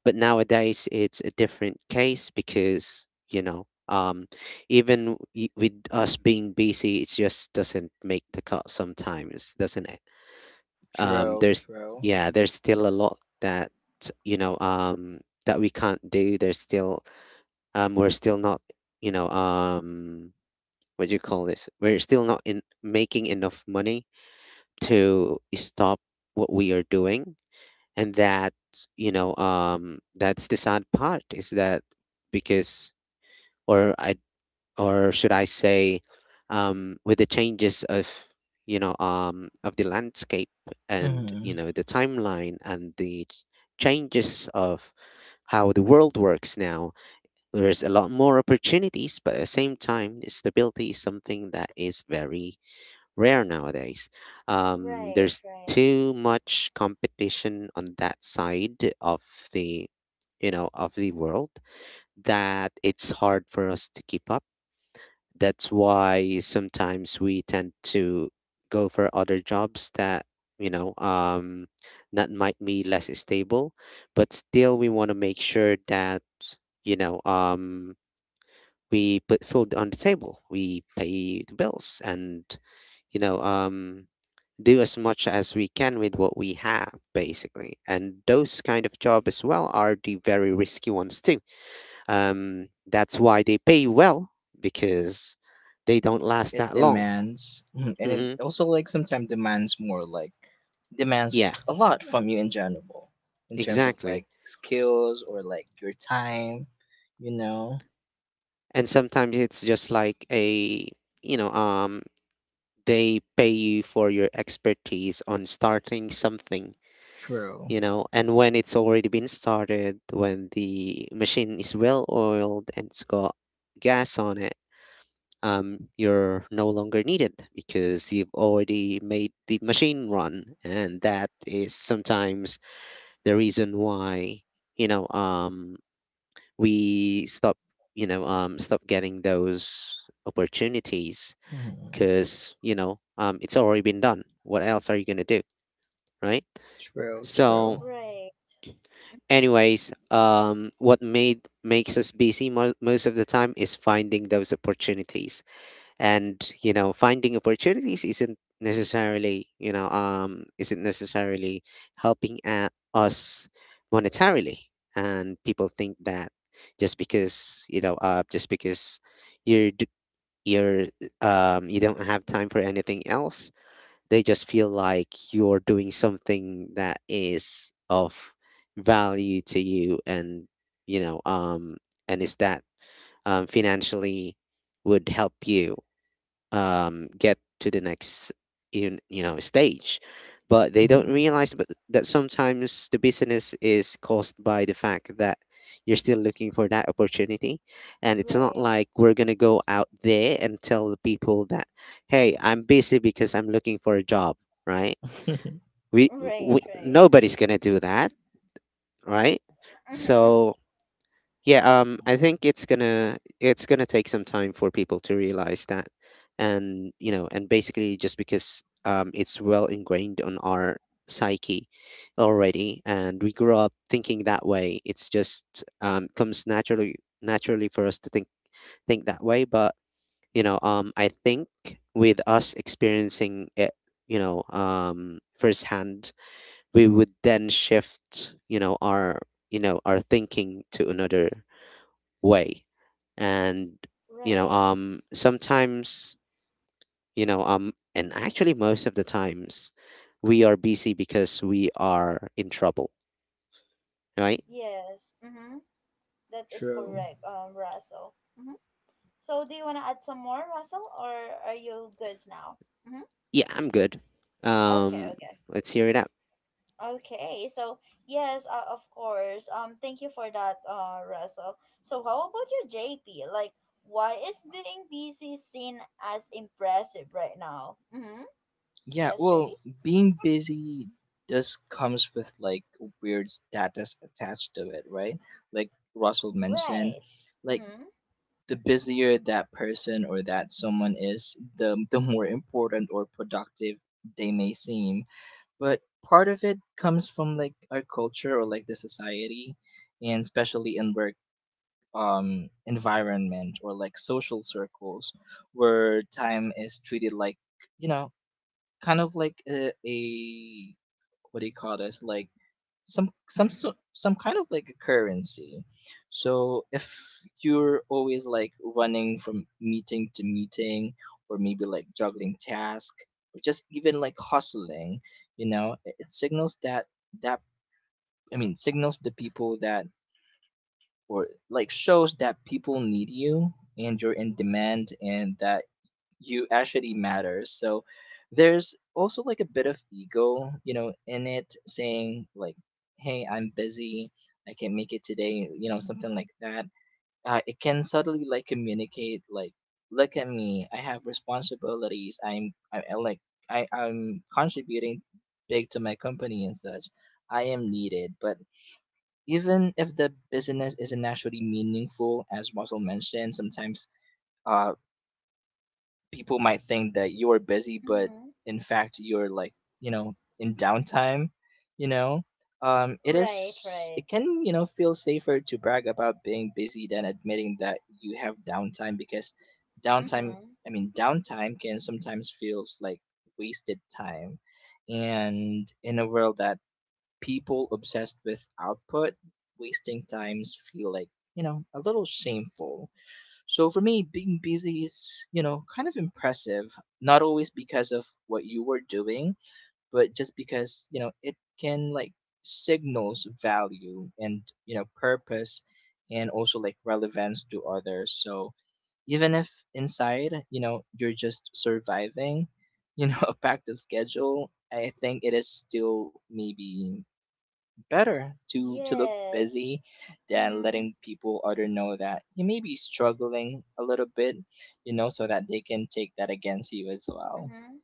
Speaker 2: But nowadays, it's a different case because, you know, even with us being busy, it just doesn't make the cut sometimes, doesn't it? Um,
Speaker 3: True,
Speaker 2: there's,
Speaker 3: true.
Speaker 2: yeah, there's still a lot that, that we can't do. There's still, we're still not, you know, what do you call this? We're still not in making enough money to stop what we are doing, and that's the sad part, is that, because, or I or should I say, um, with the changes of, of the landscape, and you
Speaker 3: Mhm.
Speaker 2: know, the timeline, and changes of how the world works now, there's a lot more opportunities, but at the same time stability is something that is very rare nowadays.
Speaker 1: Right,
Speaker 2: There's
Speaker 1: right,
Speaker 2: too much competition on that side of the, you know, of the world, that it's hard for us to keep up. That's why sometimes we tend to go for other jobs that, you know um, that might be less stable, but still we want to make sure that, you know um, we put food on the table, we pay the bills, and, you know, do as much as we can with what we have, basically. And those kind of job as well are the very risky ones too. That's why they pay well, because they don't last
Speaker 3: It
Speaker 2: that long.
Speaker 3: demands. Mhm. And it
Speaker 2: Hmm.
Speaker 3: also like sometimes demands more, like demands
Speaker 2: Yeah,
Speaker 3: a lot from you in general, in terms of
Speaker 2: exactly.
Speaker 3: like skills or like your time, you know.
Speaker 2: And sometimes it's just like a, you know, they pay you for your expertise on starting something,
Speaker 3: True.
Speaker 2: you know, and when it's already been started, when the machine is well oiled and it's got gas on it, you're no longer needed because you've already made the machine run, and that is sometimes the reason why, you know um, we stop, stop getting those opportunities,
Speaker 3: Mhm.
Speaker 2: because it's already been done, what else are you going to do? Right?
Speaker 3: True,
Speaker 2: So
Speaker 3: true.
Speaker 1: right, mhm,
Speaker 2: anyways, what made makes us busy most of the time is finding those opportunities, and you know, finding opportunities isn't necessarily, isn't necessarily helping a us monetarily, and people think that, just because just because you're d- you're um, you don't have time for anything else, they just feel like you're doing something that is of value to you, and you know um and is that, um, financially would help you, get to the next, you know, stage. But they don't
Speaker 3: Mhm.
Speaker 2: realize but that sometimes the business is caused by the fact that you're still looking for that opportunity, and it's not
Speaker 1: right,
Speaker 2: like we're going to go out there and tell the people that, "Hey, I'm busy because I'm looking for a job." Right? we,
Speaker 1: right,
Speaker 2: we
Speaker 1: right.
Speaker 2: nobody's going to do that, right?
Speaker 1: Mm-hmm.
Speaker 2: So yeah, I think it's gonna take some time for people to realize that, and you know, and basically just because, it's well ingrained on our psyche already, and we grew up thinking that way. It's just, comes naturally for us to think that way. But you know, I think with us experiencing it, you know, firsthand, we would then shift, you know, our, you know, our thinking to another way. And
Speaker 1: Right.
Speaker 2: sometimes, and actually most of the times, we are busy because we are in trouble, right?
Speaker 1: Yes. Mm-hmm. That is
Speaker 3: True.
Speaker 1: correct, Russell. Mm-hmm. So, do you want to add some more, Russell, or are you goods now? Mm-hmm.
Speaker 2: Yeah, I'm good.
Speaker 1: Okay,
Speaker 2: Um,
Speaker 1: okay.
Speaker 2: let's hear it out.
Speaker 1: Okay, so yes, of course. Thank you for that, Russell. So, how about you, JP? Like, why is being busy seen as impressive right now? Mm-hmm.
Speaker 3: Yeah,
Speaker 1: Yes,
Speaker 3: well,
Speaker 1: JP.
Speaker 3: being busy just comes with like weird status attached to it, right? Like Russell mentioned,
Speaker 1: Right.
Speaker 3: like
Speaker 1: Mm-hmm.
Speaker 3: the busier that person or that someone is, the more important or productive they may seem. But part of it comes from like our culture or like the society, and especially in work, environment or like social circles where time is treated like, you know, kind of like a what do you call this, like some kind of like a currency. So if you're always like running from meeting to meeting or maybe like juggling task or just even like hustling, you know, it signals that, that I mean, signals the people that, or like shows that people need you and you're in demand and that you actually matters. So there's also like a bit of ego, you know, in it saying like, "Hey, I'm busy. I can not make it today," you know, something like that. It can subtly like communicate like, "Look at me. I have responsibilities. I'm I like I I'm contributing big to my company and such. I am needed." But even if the business isn't actually meaningful, as Russell mentioned, sometimes, uh, people might think that you are busy, but
Speaker 1: Mm-hmm.
Speaker 3: in fact you're like, you know, in downtime. You know, it
Speaker 1: Right,
Speaker 3: is
Speaker 1: right.
Speaker 3: it can you know feel safer to brag about being busy than admitting that you have downtime. Because downtime
Speaker 1: Mm-hmm.
Speaker 3: I mean downtime can sometimes feels like wasted time, and in a world that people obsessed with output, wasting times feel like, you know, a little shameful. So for me, being busy is, you know, kind of impressive, not always because of what you were doing, but just because, you know, it can like signals value and, you know, purpose and also like relevance to others. So even if inside, you know, you're just surviving, you know, a packed of schedule, I think it is still maybe better to look
Speaker 1: Yes.
Speaker 3: busy than
Speaker 1: Mm-hmm.
Speaker 3: letting people other know that you may be struggling a little bit, you know, so that they can take that against you as well.
Speaker 1: Mm-hmm.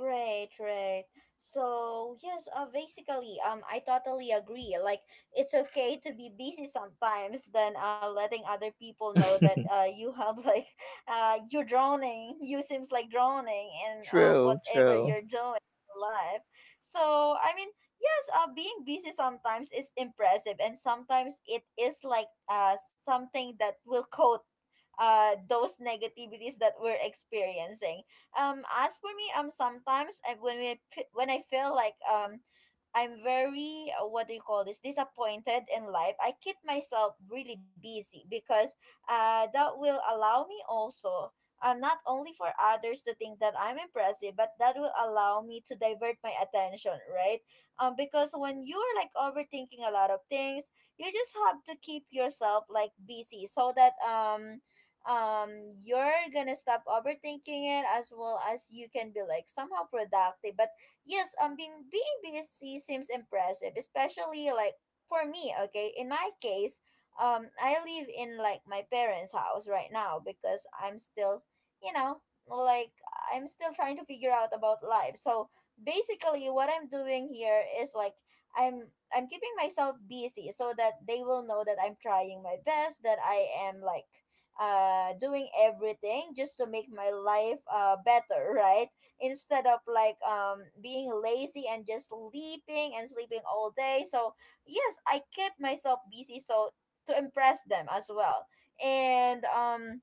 Speaker 1: Right, right. So yes, basically, I totally agree. Like, it's okay to be busy sometimes than letting other people know that you have like, you're drowning. You seems like drowning in
Speaker 3: True,
Speaker 1: whatever
Speaker 3: true.
Speaker 1: you're doing in life. So I mean, yes, being busy sometimes is impressive, and sometimes it is like something that will coat those negativities that we're experiencing. As for me, sometimes I, when we when I feel like I'm very what do you call this, disappointed in life. I keep myself really busy because that will allow me also, not only for others to think that I'm impressive, but that will allow me to divert my attention, right? Because when you are like overthinking a lot of things, you just have to keep yourself like busy so that um you're gonna stop overthinking it, as well as you can be like somehow productive. But yes, being busy seems impressive, especially like for me. Okay, in my case, I live in like my parents' house right now because I'm still, you know, like, I'm still trying to figure out about life. So basically, what I'm doing here is like, I'm I'm keeping myself busy so that they will know that I'm trying my best, that I am like doing everything just to make my life better. Right? Instead of like being lazy and just sleeping and sleeping all day. So yes, I kept myself busy so to impress them as well. And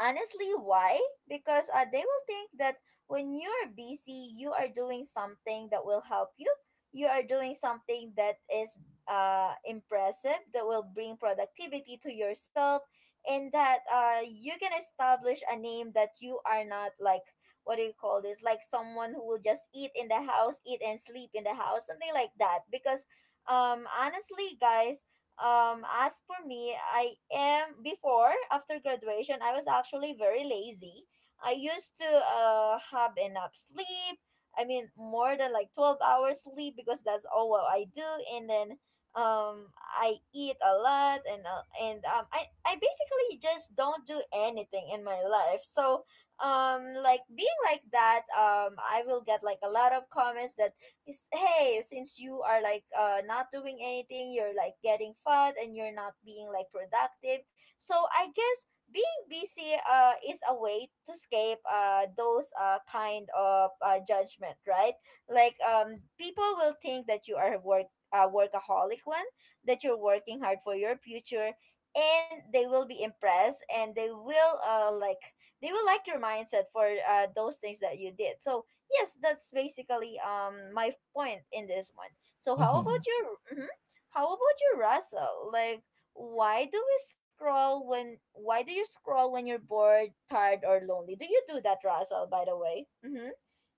Speaker 1: honestly, why? Because they will think that when you're busy, you are doing something that will help you. You are doing something that is impressive, that will bring productivity to yourself, and that you can establish a name that you are not like, what do you call this? Like, someone who will just eat in the house, eat and sleep in the house, something like that. Because honestly, guys, as for me, I am before, after graduation, I was actually very lazy. I used to have enough sleep. I mean, more than like 12 hours sleep because that's all what I do. And then I eat a lot and I basically just don't do anything in my life. So, like being like that, I will get like a lot of comments that is, hey, since you are like not doing anything, you're like getting fat and you're not being like productive. So I guess being busy is a way to escape those kind of judgment, right? Like, people will think that you are a work, workaholic one, that you're working hard for your future, and they will be impressed, and they will like, they will like your mindset for those things that you did. So yes, that's basically my point in this one. So how
Speaker 3: hmm
Speaker 1: about your mhm. How about you, Russell? Like, why do we scroll when? Why do you scroll when you're bored, tired, or lonely? Do you do that, Russell? By the way, mm-hmm.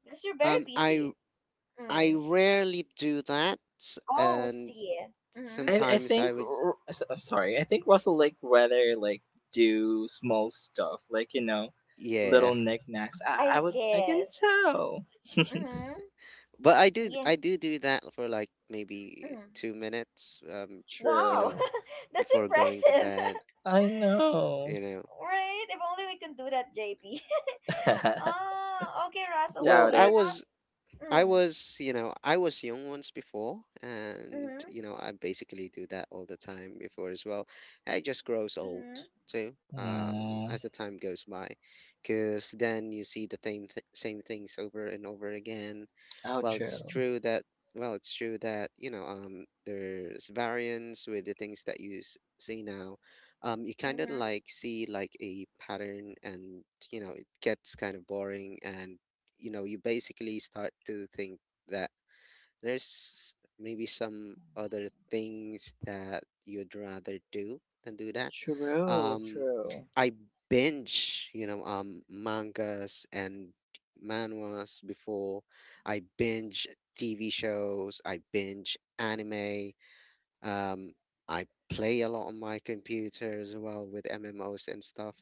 Speaker 1: Because you're
Speaker 2: Um,
Speaker 1: very
Speaker 2: I
Speaker 1: busy.
Speaker 2: I
Speaker 1: Mm.
Speaker 2: rarely do that,
Speaker 1: Oh,
Speaker 2: and
Speaker 1: see. Mm-hmm.
Speaker 2: sometimes I would,
Speaker 3: I'm sorry. I think Russell like rather like do small stuff like, you know,
Speaker 2: yeah.
Speaker 3: little knickknacks. I
Speaker 1: I
Speaker 3: I would I can
Speaker 1: guess.
Speaker 3: tell.
Speaker 1: Mm-hmm.
Speaker 2: But I
Speaker 1: Yeah.
Speaker 2: do do that for like maybe
Speaker 1: Mm.
Speaker 2: two minutes. You
Speaker 1: Wow,
Speaker 2: know,
Speaker 3: True.
Speaker 1: that's
Speaker 2: before going to
Speaker 1: impressive.
Speaker 2: bed.
Speaker 3: I
Speaker 2: You
Speaker 3: know.
Speaker 2: know,
Speaker 1: Right? If only we can do that, JP. Ah, okay, Russell. So
Speaker 2: well,
Speaker 3: Doubt
Speaker 2: I
Speaker 1: you're
Speaker 3: it.
Speaker 1: not.
Speaker 2: was I
Speaker 1: Mm,
Speaker 2: was, you know, I was young once before, and
Speaker 1: mhm.
Speaker 2: you know, I basically do that all the time before as well. I just grows old
Speaker 1: Mhm.
Speaker 2: too,
Speaker 3: Mm,
Speaker 2: as the time goes by, because then you see the same things over and over again.
Speaker 3: oh,
Speaker 2: Well, it's
Speaker 3: true.
Speaker 2: true that well, it's true that, you know, there's variance with the things that you see now. You kind of
Speaker 1: Mhm.
Speaker 2: like see like a pattern, and you know, it gets kind of boring, and you know, you basically start to think that there's maybe some other things that you'd rather do than do that.
Speaker 3: True,
Speaker 2: Um,
Speaker 3: true.
Speaker 2: I binge, mangas and manhwas before. I binge TV shows, I binge anime, um, I play a lot on my computer as well with MMOs and stuff.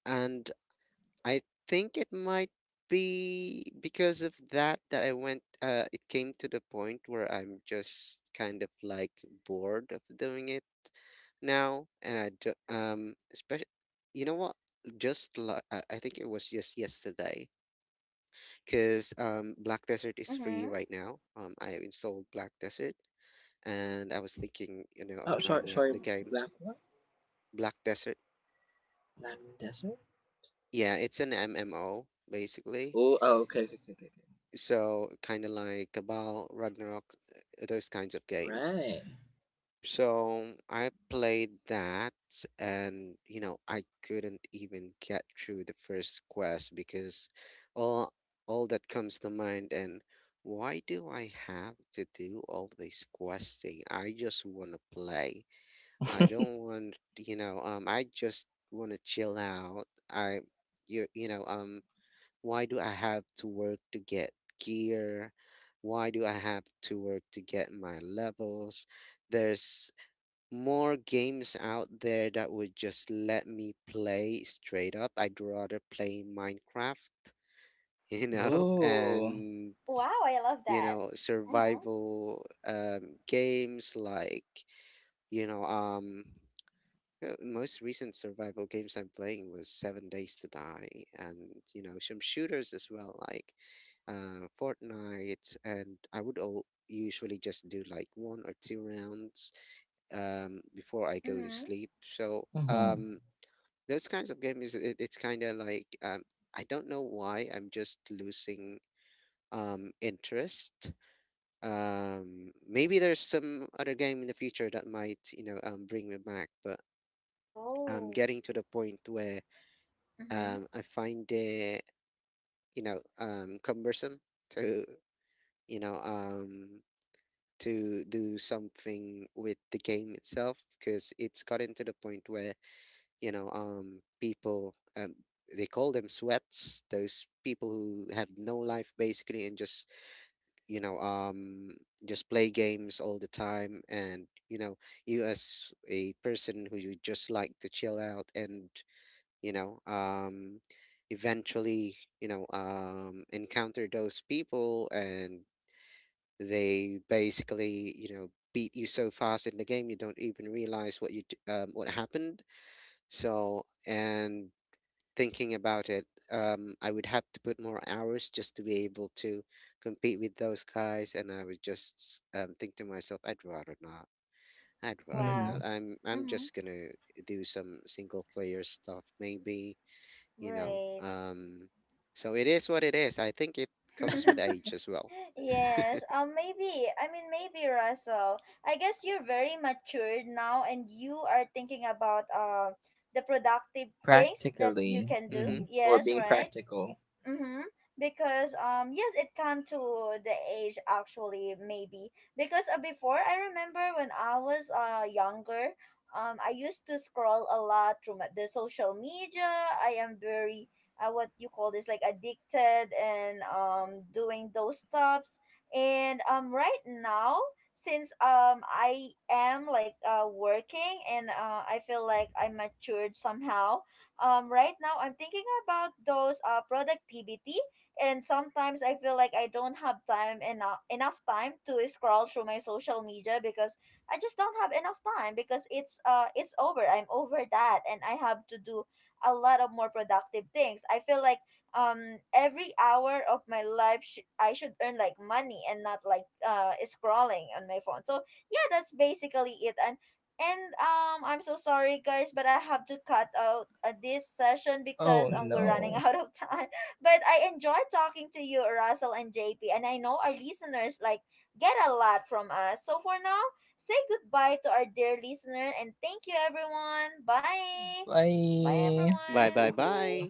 Speaker 2: And I think it might be because of that, that I went it came to the point where I'm just kind of like bored of doing it now. And I do, um, especially, you know what, just like, I think it was just yesterday, because um, Black Desert is free
Speaker 1: Mhm.
Speaker 2: right now, um, I installed Black Desert, and I was thinking, you know, of
Speaker 3: Oh,
Speaker 2: trying
Speaker 3: sorry,
Speaker 2: out the
Speaker 3: sorry.
Speaker 2: game.
Speaker 3: Black what?
Speaker 2: Black Desert.
Speaker 3: Black desert?
Speaker 2: Yeah, it's an MMO basically.
Speaker 3: Oh, oh, okay, okay, okay, okay.
Speaker 2: So kind of like Cabal, Ragnarok, those kinds of
Speaker 3: Okay.
Speaker 2: games.
Speaker 3: Right.
Speaker 2: So I played that, and you know, I couldn't even get through the first quest because all all that comes to mind and why do I have to do all this questing? I just want to play. I don't want, you know, um, I just want to chill out. I, you know, um, why do I have to work to get gear? Why do I have to work to get my levels? There's more games out there that would just let me play straight up. I'd rather play Minecraft, you know,
Speaker 3: Oh.
Speaker 2: and
Speaker 1: Wow, I love
Speaker 2: you
Speaker 1: that.
Speaker 2: know,
Speaker 1: Mhm.
Speaker 2: survival games like, you know, um, most recent survival games I'm playing was Seven Days to Die, and you know, some shooters as well, like Fortnite. And I would all usually just do like one or two rounds, before I go to
Speaker 1: Mhm.
Speaker 2: sleep. So
Speaker 3: Mhm.
Speaker 2: those kinds of games, it's kind of like I don't know why I'm just losing, interest. Maybe there's some other game in the future that might, you know, bring me back, but I'm
Speaker 1: Oh.
Speaker 2: getting to the point where,
Speaker 1: Mhm.
Speaker 2: I find it, you know, cumbersome to, you know, to do something with the game itself, because it's gotten to the point where, you know, people, they call them sweats, those people who have no life basically, and just, you know, just play games all the time, and, you know, you as a person who you just like to chill out, and you know um eventually, encounter those people, and they basically, you know, beat you so fast in the game you don't even realize what happened. So, and thinking about it, um, I would have to put more hours just to be able to compete with those guys, and I would just, think to myself, I'd rather not.
Speaker 3: Mhm.
Speaker 1: Wow.
Speaker 2: I'm just
Speaker 1: Mhm.
Speaker 2: gonna do some single player stuff maybe, you know.
Speaker 1: Great.
Speaker 2: So it is what it is. I think it comes with age as well.
Speaker 1: Yes, maybe. I mean, maybe Russell, I guess you're very matured now, and you are thinking about the productive things that you
Speaker 3: Practically,
Speaker 1: can
Speaker 2: Mm-hmm.
Speaker 1: do.
Speaker 3: mhm, or
Speaker 1: Yes,
Speaker 3: being
Speaker 1: right.
Speaker 3: practical.
Speaker 1: Mm-hmm. Because yes, it come to the age actually, maybe because before, I remember when I was younger, I used to scroll a lot through my, the social media. I am very what you call this, like addicted and doing those stuffs. And right now, since I am like working, and I feel like I matured somehow, right now I'm thinking about those productivity. And sometimes I feel like I don't have time enough time to scroll through my social media because I just don't have enough time, because it's over, I'm over that, and I have to do a lot of more productive things. I feel like every hour of my life I should earn like money, and not like scrolling on my phone. So yeah, that's basically it. And I'm so sorry, guys, but I have to cut out this session because
Speaker 3: Oh
Speaker 1: we're running
Speaker 3: no.
Speaker 1: out of time. But I enjoy talking to you, Russell and JP, and I know our listeners like get a lot from us. So for now, say goodbye to our dear listener, and thank you, everyone. Bye, bye,
Speaker 3: Bye.
Speaker 2: Bye bye
Speaker 1: everyone.
Speaker 2: bye.
Speaker 3: Ooh.